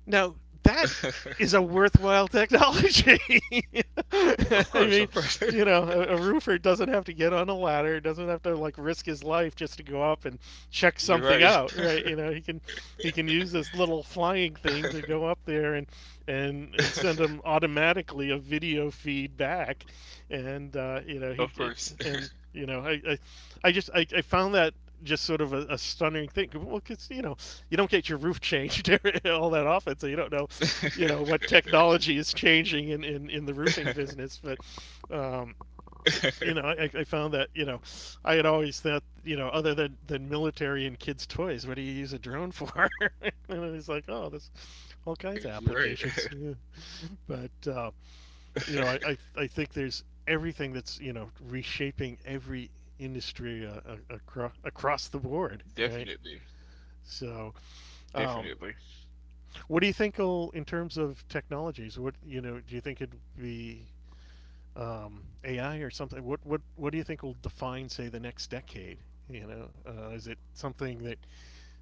S1: now that is a worthwhile technology. I
S2: Of course,
S1: mean,
S2: of course.
S1: you know, a roofer doesn't have to get on a ladder, doesn't have to like risk his life just to go up and check
S2: You're
S1: something
S2: right.
S1: out, right? You know, he can use this little flying thing to go up there and send him automatically a video feed back, and you know he
S2: Of course.
S1: and you know I just I found that just sort of a stunning thing. Well, because you know you don't get your roof changed all that often, so you don't know, you know, what technology is changing in the roofing business. But um, you know, I found that you know, I had always thought you know, other than military and kids' toys, what do you use a drone for? And it's like, oh, there's all kinds of
S2: Right.
S1: applications. Yeah. But you know, I think there's everything that's, you know, reshaping every industry across, across the board, right?
S2: Definitely.
S1: So, um,
S2: Definitely.
S1: what do you think will, in terms of technologies, what, you know, do you think it'd be AI or something? What do you think will define, say, the next decade? You know, is it something that,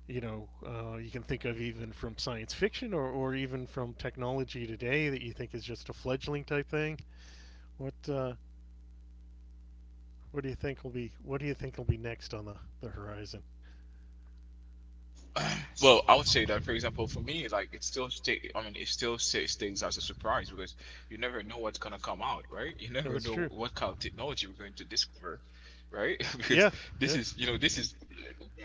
S1: you know, you can think of even from science fiction or even from technology today that you think is just a fledgling type thing? What, uh, What do you think will be next on the horizon?
S2: Well, I would say that, for example, for me, like it still stay. I mean, it still stays as a surprise because you never know what's gonna come out, right? You
S1: No,
S2: never
S1: that's
S2: know
S1: true.
S2: what kind of technology we're going to discover, right? Because
S1: Yeah,
S2: this
S1: yeah.
S2: is, you know, this is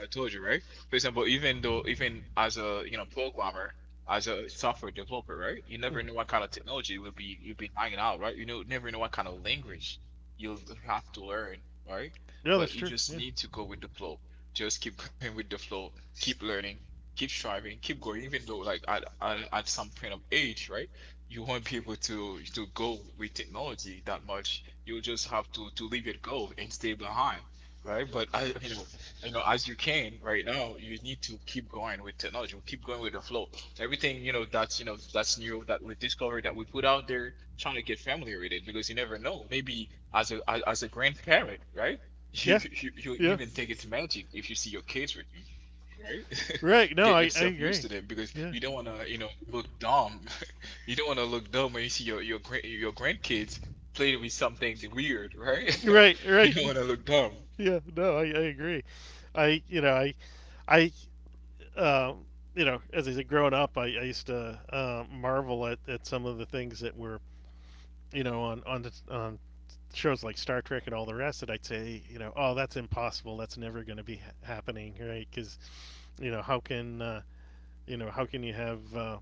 S2: I told you, right? For example, even though, even as a, you know, programmer, as a software developer, right? You
S1: Mm.
S2: never know what kind of technology will be you'll be hanging out, right? You know, never know what kind of language you'll have to learn, right?
S1: Yeah, that's
S2: But you
S1: true.
S2: just
S1: Yeah,
S2: need to go with the flow. Just keep going with the flow. Keep learning, keep striving, keep going, even though like at some point of age, right? You won't be able to go with technology that much. You'll just have to leave it go and stay behind, right? But I, you know, as you can right now, you need to keep going with technology. Keep going with the flow. Everything you know that's new that we discovered that we put out there, trying to get familiar with it because you never know. Maybe as a as, as a grandparent, right? You,
S1: Yeah.
S2: you
S1: Yeah.
S2: even think it's magic if you see your kids with. You, right?
S1: Right. No,
S2: Get
S1: I
S2: yourself used
S1: agree.
S2: to them because
S1: Yeah.
S2: you don't want to, you know, look dumb. You don't want to look dumb when you see your grandkids playing with something weird, right?
S1: Right,
S2: You
S1: right.
S2: don't want to look dumb.
S1: Yeah, no, I agree. I you know I um, you know as I said growing up, I used to marvel at some of the things that were you know on shows like Star Trek and all the rest that I'd say you know oh that's impossible that's never going to be ha- happening right because you know how can you know, how can you have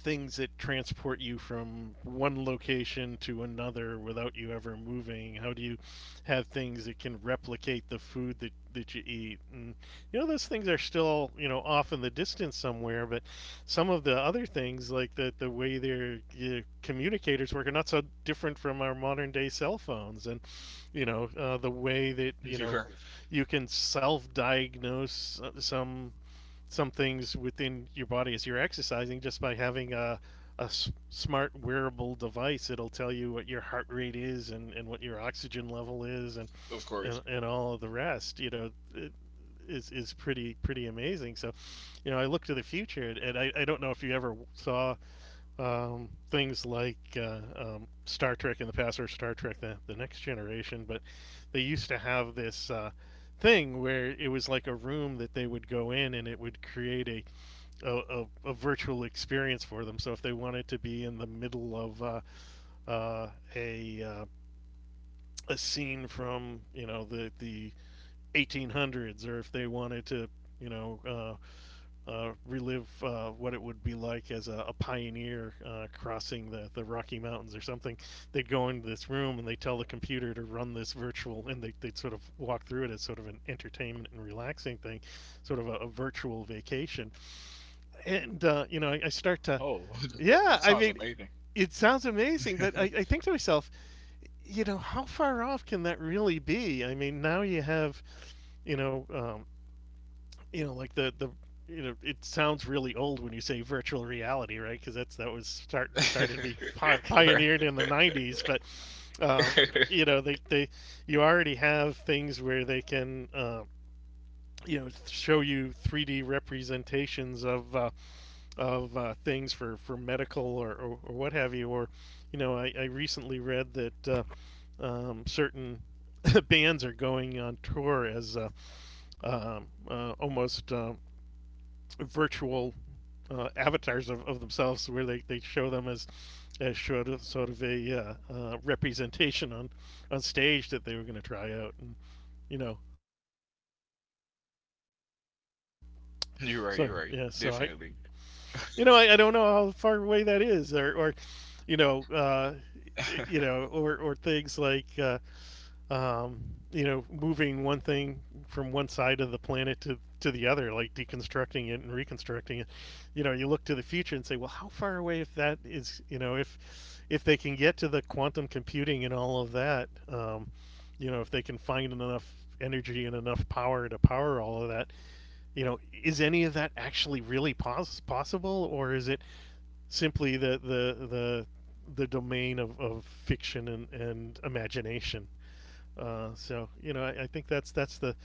S1: things that transport you from one location to another without you ever moving? How do you have things that can replicate the food that you eat? And, you know, those things are still, you know, off in the distance somewhere, but some of the other things, like the way their communicators work, are not so different from our modern day cell phones. And, you know, the way that, you
S2: You're
S1: know,
S2: right,
S1: you can self diagnose some things within your body as you're exercising just by having a smart wearable device. It'll tell you what your heart rate is and what your oxygen level is
S2: of course.
S1: and all of the rest, you know, is pretty, pretty amazing. So, you know, I look to the future and I don't know if you ever saw things like Star Trek in the past or Star Trek the Next Generation, but they used to have this thing where it was like a room that they would go in and it would create a, a virtual experience for them. So if they wanted to be in the middle of uh, a, uh, a scene from, you know, the 1800s or if they wanted to, you know, relive what it would be like as a pioneer crossing the Rocky Mountains or something. They'd go into this room and they tell the computer to run this virtual, and they'd sort of walk through it as sort of an entertainment and relaxing thing, sort of a virtual vacation. And, you know, I start to,
S2: Oh, that
S1: Yeah, I
S2: sounds
S1: mean,
S2: amazing.
S1: it sounds amazing, but I, I think to myself, you know, how far off can that really be? I mean, now you have, you know, um, you know, like the you know, it sounds really old when you say virtual reality, right? Because that was started to be
S2: You're right.
S1: pioneered in the '90s. But um, you know, they they you already have things where they can. Show you 3D representations of things for, medical or what have you. I recently read that certain bands are going on tour as almost virtual avatars of themselves where they show them as sort of a representation on stage that they were going to try out. And you know
S2: You're right. You're
S1: so
S2: right.
S1: yeah so I
S2: Definitely.
S1: you know I don't know how far away that is, you know uh or things like um, moving one thing from one side of the planet to the other, like deconstructing it and reconstructing it. You know, you look to the future and say, well, how far away if that is, you know, if they can get to the quantum computing and all of that. If they can find enough energy and enough power to power all of that, you know, is any of that actually really possible, or is it simply the domain of fiction and imagination? I think that's the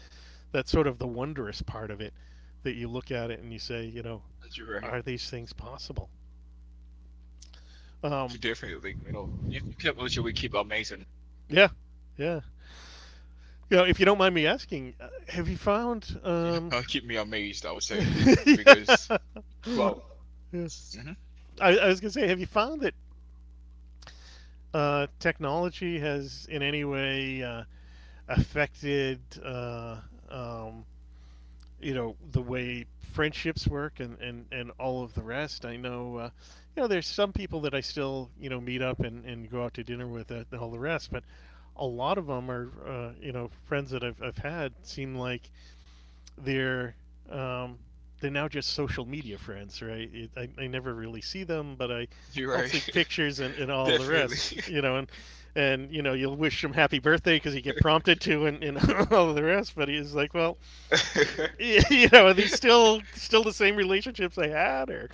S1: that's sort of the wondrous part of it, that you look at it and you say, you know,
S2: You're right.
S1: are these things possible? Um,
S2: Definitely. You know, if you keep culture, we keep amazing.
S1: yeah, yeah. You know, if you don't mind me asking, have you found?
S2: You know, keep me amazed, I would say,
S1: Yeah.
S2: because wow.
S1: Yeah.
S2: Mm-hmm.
S1: I was gonna say, have you found that technology has in any way affected, um, you know, the way friendships work, and all of the rest? I know, you know, there's some people that I still, you know, meet up and go out to dinner with and all the rest. But a lot of them are, you know, friends that I've had seem like they're um they're now just social media friends, right? I never really see them, but I,
S2: You're
S1: I'll see
S2: right.
S1: pictures and all the rest,
S2: Definitely.
S1: you know. And, you know, you'll wish them happy birthday because you get prompted to, and all the rest. But he's like, well, you know, are these still the same relationships they had, or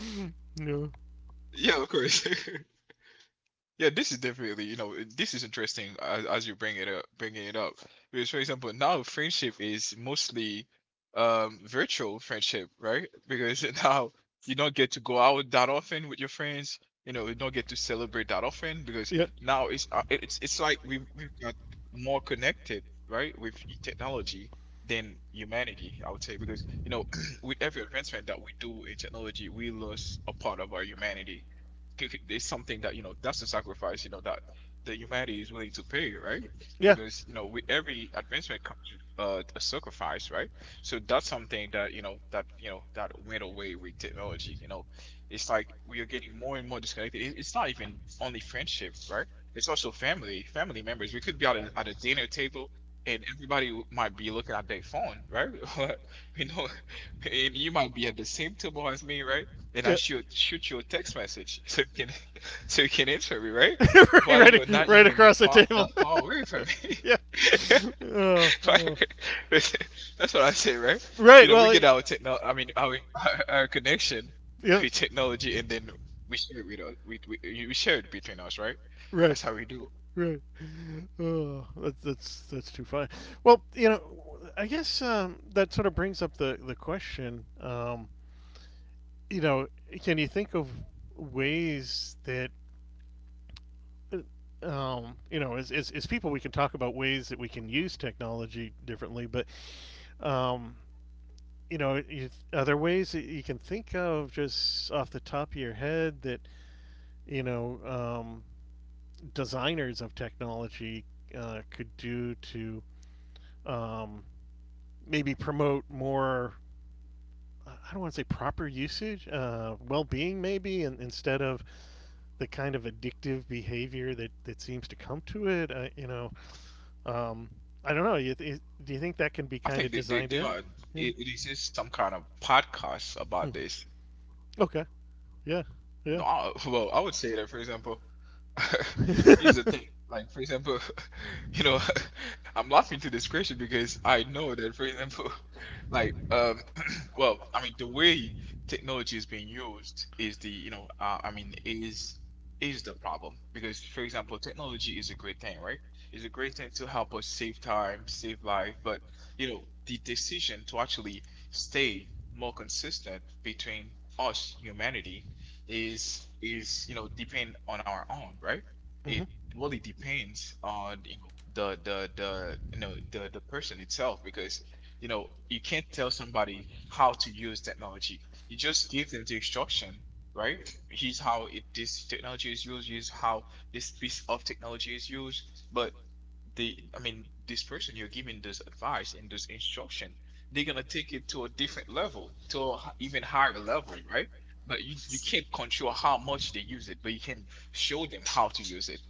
S1: no?
S2: Yeah, of course. Yeah, this is definitely, you know, this is interesting as you bringing it up. Because for example, now friendship is mostly virtual friendship, right? Because now you don't get to go out that often with your friends. You know, you don't get to celebrate that often, because
S1: Yeah,
S2: now it's it- it's like we've got more connected, right, with technology than humanity, I would say, because with every advancement that we do in technology, we lose a part of our humanity. It's something that that's a sacrifice, that the humanity is willing to pay, right,
S1: yeah,
S2: because with every advancement comes a sacrifice, right. So that's something that that went away with technology. It's like we are getting more and more disconnected. It's not even only friendship, right. It's also family members. We could be at a dinner table, and everybody might be looking at their phone, right. You know, and you might be at the same table as me, right, and I
S1: yeah.
S2: should shoot you a text message so you can so you can answer me, right?
S1: Right,
S2: While you're
S1: right,
S2: not
S1: right
S2: even
S1: across the
S2: far
S1: table.
S2: that far away from me.
S1: Yeah. Oh, oh.
S2: Like, that's what I say, right? You
S1: Right.
S2: know, we
S1: Well.
S2: get our techno I mean, our our connection
S1: Yeah.
S2: with technology, and then we share it with us we, we, we share it between us, right?
S1: Right.
S2: That's how we do.
S1: Right. Oh, that's too funny. Well, you know, I guess, that sort of brings up the question. You know, can you think of ways that, you know, as people, we can talk about ways that we can use technology differently? But, um, you know, are there ways that you can think of, just off the top of your head, that, you know, um, designers of technology could do to um, maybe promote more, I don't want to say proper usage, well-being maybe, and instead of the kind of addictive behavior that, that seems to come to it? Um, I don't know. Do you think that can be
S2: I
S1: kind of
S2: think that they,
S1: designed
S2: they
S1: in?
S2: are it,
S1: Yeah.
S2: it exists some kind of podcast
S1: Hmm.
S2: about this.
S1: Okay. Yeah. Yeah.
S2: No, well, I would say that, for example, here's the thing. Like, for example, you know, I'm laughing to this question because I know that, for example, like, well, I mean, the way technology is being used is I mean, is the problem, because, for example, technology is a great thing, right? It's a great thing to help us save time, save life, but you know, the decision to actually stay more consistent between us, humanity, is depend on our own, right?
S1: Hmm.
S2: It really depends on you know the you know the person itself, because you can't tell somebody how to use technology. You just give them the instruction, right? Here's how this technology is used. Here's how this piece of technology is used. But I mean, this person you're giving this advice and this instruction, they're gonna take it to a different level, even higher level, right, but you can't control how much they use it, but you can show them how to use it.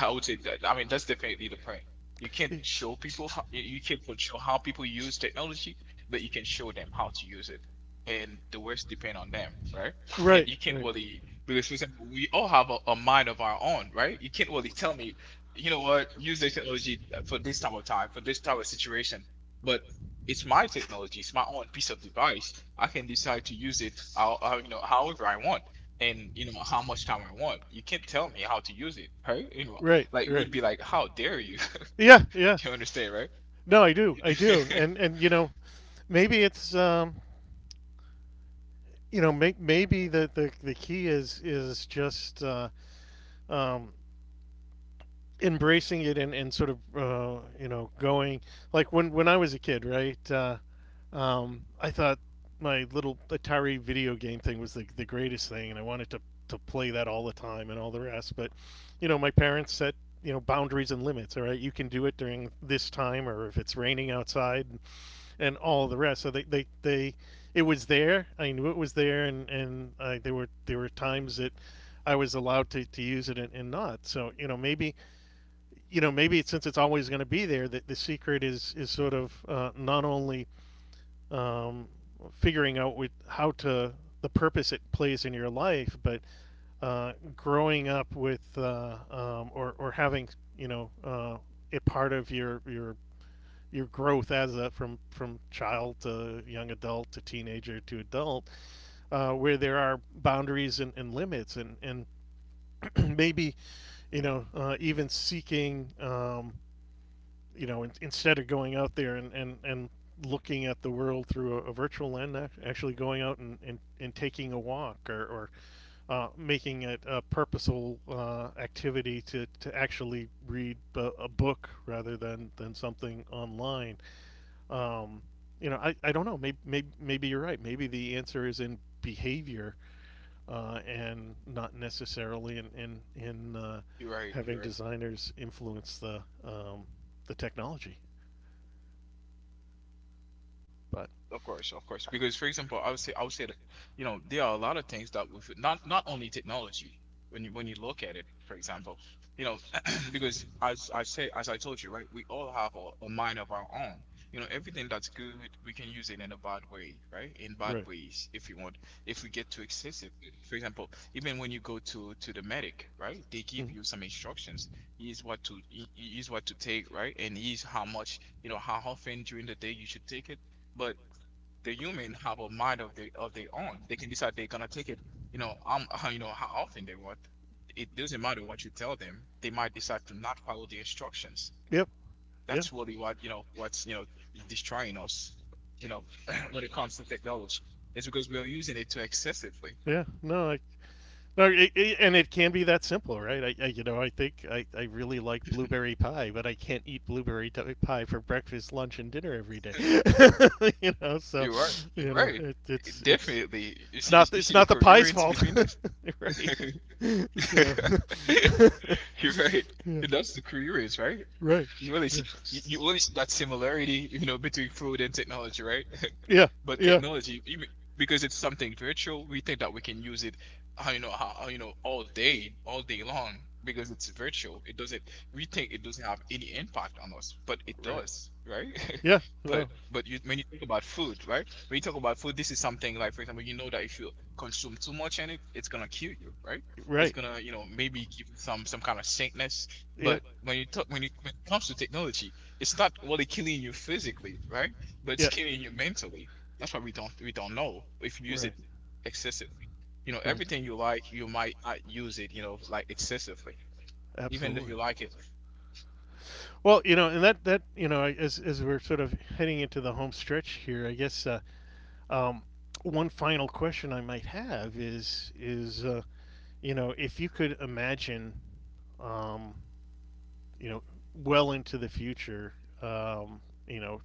S2: I would say that. I mean, that's definitely the point. You can't show people how you can't control how people use technology, but you can show them how to use it, and the rest depend on them, right? And
S1: Right.
S2: you can't
S1: Right.
S2: really, because for example, we all have a mind of our own, right? You can't really tell me, you know what, use the technology for this type of time, for this type of situation, but it's my technology, it's my own piece of device. I can decide to use it, however I want, and how much time I want. You can't tell me how
S1: Not.
S2: to use it, right? You know,
S1: Right,
S2: like, it
S1: right.
S2: would be like, how dare you?
S1: Yeah, yeah.
S2: You understand, right?
S1: No, I do. I do. And you know, maybe it's you know, maybe the, the key is just um embracing it, and sort of, you know, going, like when I was a kid, right? I thought my little Atari video game thing was the greatest thing, and I wanted to play that all the time and all the rest. But you know, my parents set, you know, boundaries and limits. All right, you can do it during this time, or if it's raining outside, and all the rest. So they, it was there. I knew it was there, and I, there were times that I was allowed to use it, and not. So you know, maybe, you know, maybe it's, since it's always going to be there, that the secret is sort of, not only, um, figuring out with how to the purpose it plays in your life, but growing up with, or having, you know, it part of your your growth as a, from child to young adult to teenager to adult, where there are boundaries and limits, and maybe, you know, even seeking, you know, instead of going out there and, and looking at the world through a virtual lens, actually going out and, and taking a walk, or, making it a purposeful activity to actually read a book rather than something online. Um, you know, I don't know. Maybe, maybe, maybe you're right. Maybe the answer is in behavior, and not necessarily in,
S2: You're right. You're right.
S1: having designers influence um, the technology. But
S2: Of course, of course. Because for example, I would say that, you know, there are a lot of things that with not only technology, when you look at it, for example, you know, because as I told you, right, we all have a mind of our own. You know, everything that's good, we can use it in a bad way, right? In bad
S1: Right.
S2: ways, if you want, if we get too excessive. For example, even when you go to the medic, right, they
S1: Mhm.
S2: give you some instructions. Here's what to take, right? And here's how much, how often during the day you should take it. But the human have a mind of their own. They can decide they're gonna take it, you know how often they want. It doesn't matter what you tell them. They might decide to not follow the instructions.
S1: Yep. Yeah.
S2: That's really what's destroying us, you know, when it comes to technology. It's because we are using it too excessively.
S1: Yeah. No, I. No, and it can be that simple, right? I, you know, I think I really like blueberry pie, but I can't eat blueberry pie for breakfast, lunch, and dinner every day. You know, so,
S2: You're right. You're
S1: you know,
S2: right.
S1: it's
S2: Definitely. You see
S1: not,
S2: you
S1: it's
S2: see the
S1: not the pie's
S2: coherence
S1: fault,
S2: between this.
S1: right? So,
S2: You're right.
S1: yeah,
S2: That's the coherence, right?
S1: right,
S2: You really see,
S1: right.
S2: you only see that similarity, you know, between food and technology, right?
S1: Yeah,
S2: But
S1: yeah.
S2: technology, even because it's something virtual, we think that we can use it, all day long, because it's virtual. It doesn't. We think it doesn't have any impact on us, but it
S1: Right.
S2: does, right?
S1: Yeah.
S2: But
S1: No.
S2: but you, when you talk about food, right? When you talk about food, this is something, like, for example, you know, that if you consume too much in it, it's gonna kill you, right? It's gonna, maybe give you
S1: Right.
S2: some kind of sickness.
S1: Yeah.
S2: But when you talk when it comes to technology, it's not really killing you physically, right? But it's
S1: Yeah.
S2: killing you mentally. That's why we don't know if you
S1: Right.
S2: use
S1: Right.
S2: it excessively. You know, everything you like, you might not use it, you know, like, excessively, even though
S1: Absolutely.
S2: you like it.
S1: Well, you know, and that, that, you know, as we're sort of heading into the home stretch here, I guess, Um, one final question I might have is you know, if you could imagine, um, you know, well into the future, um, you know,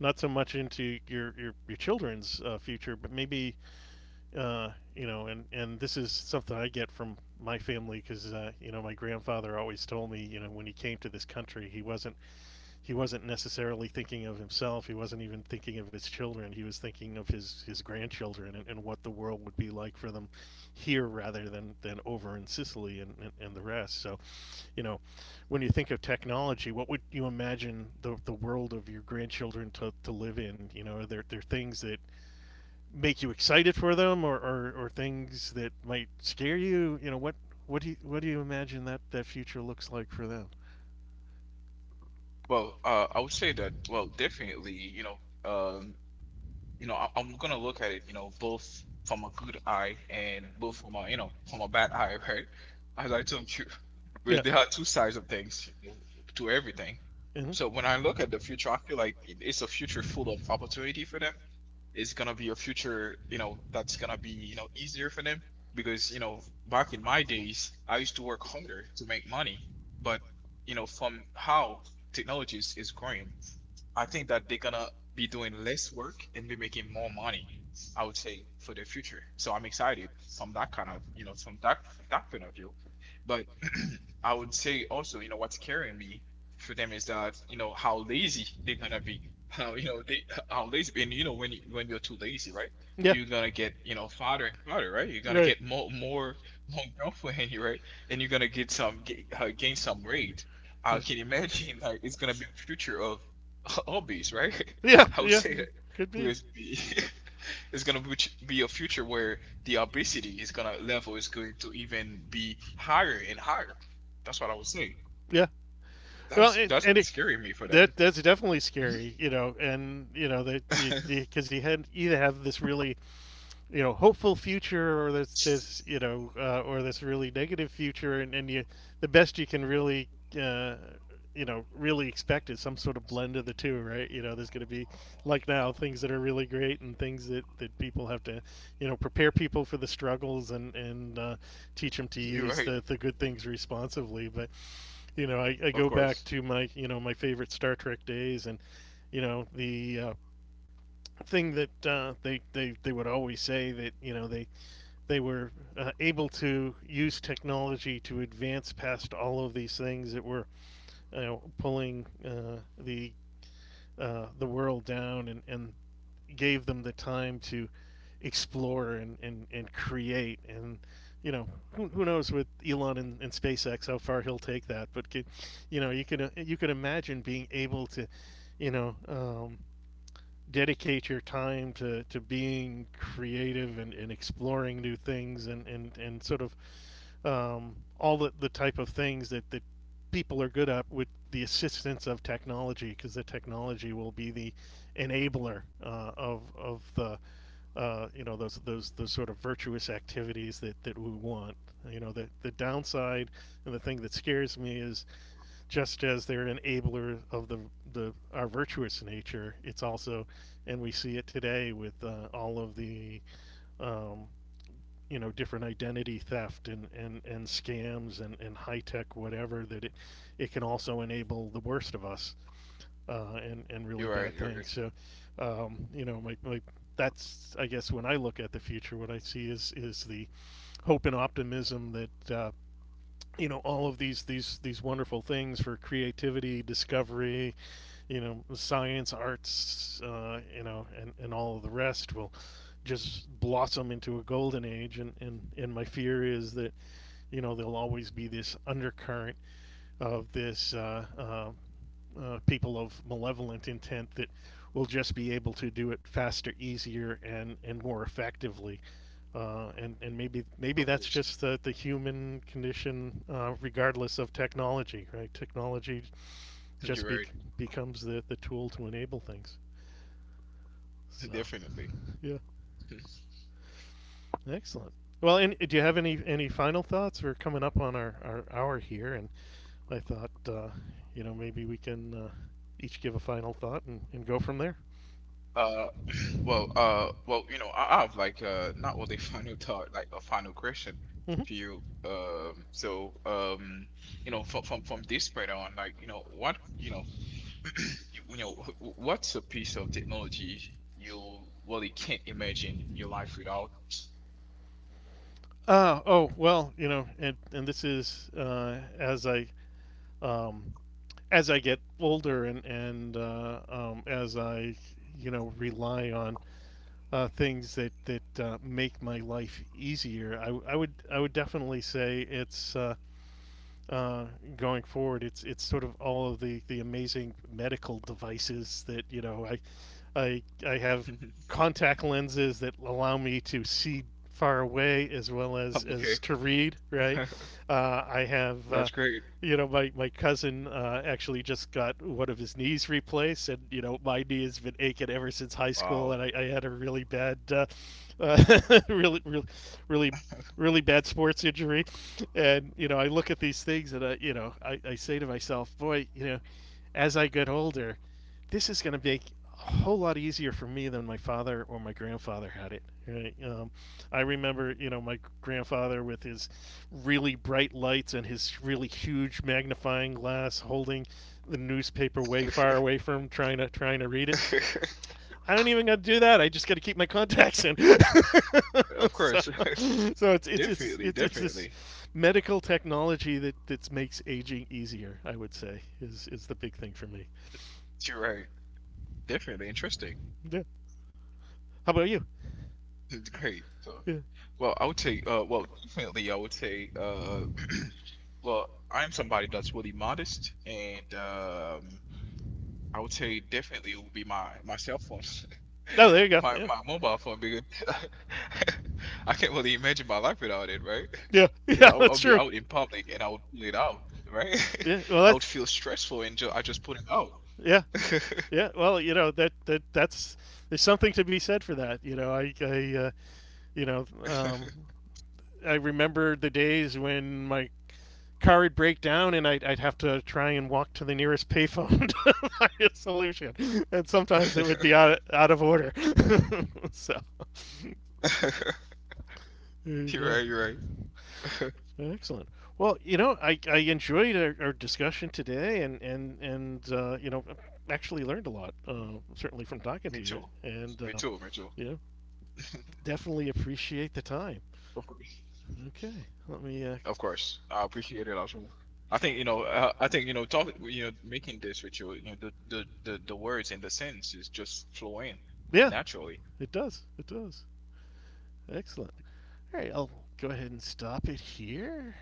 S1: not so much into your children's future, but maybe, uh, you know. And this is something I get from my family, because, you know, my grandfather always told me, you know, when he came to this country, he wasn't, he wasn't necessarily thinking of himself. He wasn't even thinking of his children. He was thinking of his grandchildren, and what the world would be like for them here rather than over in Sicily, and the rest. So, you know, when you think of technology, what would you imagine the world of your grandchildren to live in? You know, are there, there things that make you excited for them, or things that might scare you? You know, what do you imagine that, that future looks like for them?
S2: Well, I would say that. Well, definitely. You know, um, I'm gonna look at it. You know, both from a good eye and both from a you know from a bad eye, right? As I told you,
S1: Yeah.
S2: because there are two sides of things, you know, to everything.
S1: Hmm.
S2: So when I look at the future, I feel like it's a future full of opportunity for them, is gonna be a future, you know, that's gonna be, you know, easier for them, because, you know, back in my days, I used to work harder to make money, but you know, from how technologies is growing, I think that they're gonna be doing less work and be making more money. I would say for the future. So I'm excited from that kind of, you know, from that point of view. But I would say also, you know, what's carrying me for them is that, you know, how lazy they're gonna be. How, you know, they how lazy. And you know, when you're too lazy, right,
S1: Yeah.
S2: you're gonna get, you know, fatter and fatter, right? You're gonna
S1: Right.
S2: get more girlfriend, right? And you're gonna get some gain some weight. I can imagine like it's gonna be a future of hobbies, right?
S1: Yeah.
S2: I would
S1: Yeah.
S2: say that,
S1: It could be.
S2: because It's gonna be- a future where the obesity is gonna level is going to even be higher and higher. That's what I would say.
S1: Yeah. Well,
S2: That's that's
S1: and it,
S2: scary me for them.
S1: that that's definitely
S2: Mhm.
S1: scary, you know. And you know, they, because he had, either have this really, you know, hopeful future, or this, you know, or this really negative future. And you, the best you can really, uh, really expect is some sort of blend of the two, right? You know, there's going to be, like now, things that are really great, and things that that people have to, you know, prepare people for the struggles, and, teach them to
S2: You're
S1: use
S2: right.
S1: the good things responsively. But you know, I
S2: Of
S1: go back
S2: course.
S1: to my, you know, my favorite Star Trek days, and you know, the, thing that, they, they would always say, that you know, they were, able to use technology to advance past all of these things that were, you know, pulling, the, the world down, and gave them the time to explore and, and create. And you know, who knows with Elon and SpaceX how far he'll take that? But can, you know, you can, you can imagine being able to, you know um, dedicate your time to being creative, and exploring new things, and, and sort of, all the type of things that, that people are good at, with the assistance of technology. Because the technology will be the enabler of the, you know, those sort of virtuous activities that, that we want. You know, the downside and the thing that scares me is, just as they're an enabler of the our virtuous nature, it's also, and we see it today, with, all of the um, you know different identity theft and scams and high tech whatever that it can also enable the worst of us and really
S2: You're right.
S1: bad
S2: You're right.
S1: things. So, you know, my that's I guess when I look at the future, what I see is the hope and optimism that. You know all of these wonderful things for creativity, discovery, you know, science, arts, you know, and all of the rest will just blossom into a golden age. And my fear is that, you know, there'll always be this undercurrent of this people of malevolent intent that will just be able to do it faster, easier, and more effectively. And maybe
S2: Of
S1: maybe
S2: course.
S1: that's just the human condition, regardless of technology, right? Technology
S2: You're
S1: just
S2: right.
S1: be becomes the tool to enable things. So,
S2: Definitely.
S1: yeah, excellent. Well, and do you have any final thoughts? We're coming up on our hour here, and I thought, you know, maybe we can each give a final thought and go from there.
S2: Uh, well, you know, I have, like, not only final thought, like a final question
S1: Mhm.
S2: to you. So you know, from from this point on, like, you know what's a piece of technology you really can't imagine your life without.
S1: Oh, well, you know, and this is um, as I get older and as I you know rely on things that make my life easier. I would definitely say it's uh, going forward. It's sort of all of the amazing medical devices that you know I have
S2: I'm
S1: contact lenses that allow me to see far away as well
S2: okay.
S1: as to read. Right. I have.
S2: That's great.
S1: You know, my cousin actually just got one of his knees replaced, and, you know, my knee has been aching ever since high school,
S2: Wow.
S1: and I had a really bad, uh, really, really, really, really bad sports injury. And, you know, I look at these things and, I, you know, I say to myself, boy, you know, as I get older, this is going to make a whole lot easier for me than my father or my grandfather had it. Right? I remember, you know, my grandfather with his really bright lights and his really huge magnifying glass, holding the newspaper way far away from him, trying to read it. I don't even got to do that. I just got to keep my contacts in.
S2: Of
S1: So,
S2: course.
S1: so it's it's it's
S2: Definitely,
S1: it's it's this
S2: definitely.
S1: medical technology that that makes aging easier, I would say, is the big thing for me.
S2: You're right. Definitely interesting.
S1: Yeah. How about you?
S2: It's great, so,
S1: Yeah.
S2: well, I would say well, definitely, I would say, well, I'm somebody that's really modest, and I would say definitely it would be my my cell phone,
S1: Oh, there you go.
S2: my
S1: Yeah.
S2: my mobile phone, because I can't really imagine my life without
S1: Really.
S2: it, right?
S1: Yeah.
S2: Because I
S1: Yeah,
S2: would, I
S1: that's
S2: would be
S1: true.
S2: out in public and I would pull it out,
S1: Right?
S2: right?
S1: Yeah. Well,
S2: I would
S1: that's
S2: feel stressful, and ju I just put it out.
S1: yeah. Yeah. Well, you know, that's there's something to be said for that, you know. I you know, I remember the days when my car would break down and I'd have to try and walk to the nearest payphone to find a solution. And sometimes it would be out of order. So there you
S2: You're
S1: go.
S2: right, you're right.
S1: Excellent. Well, you know, I enjoyed our discussion today and, and you know, actually learned a lot, certainly from talking
S2: Me
S1: to you.
S2: too.
S1: And,
S2: Me too, me too.
S1: you know, definitely appreciate the time.
S2: Of course.
S1: Okay. Let me,
S2: Of course, I appreciate it also. I think. I think. Talk. You know, making this with you. You know, the words and the sentences just flow in
S1: yeah,
S2: naturally.
S1: it does. It does. Excellent. All right, I'll go ahead and stop it here.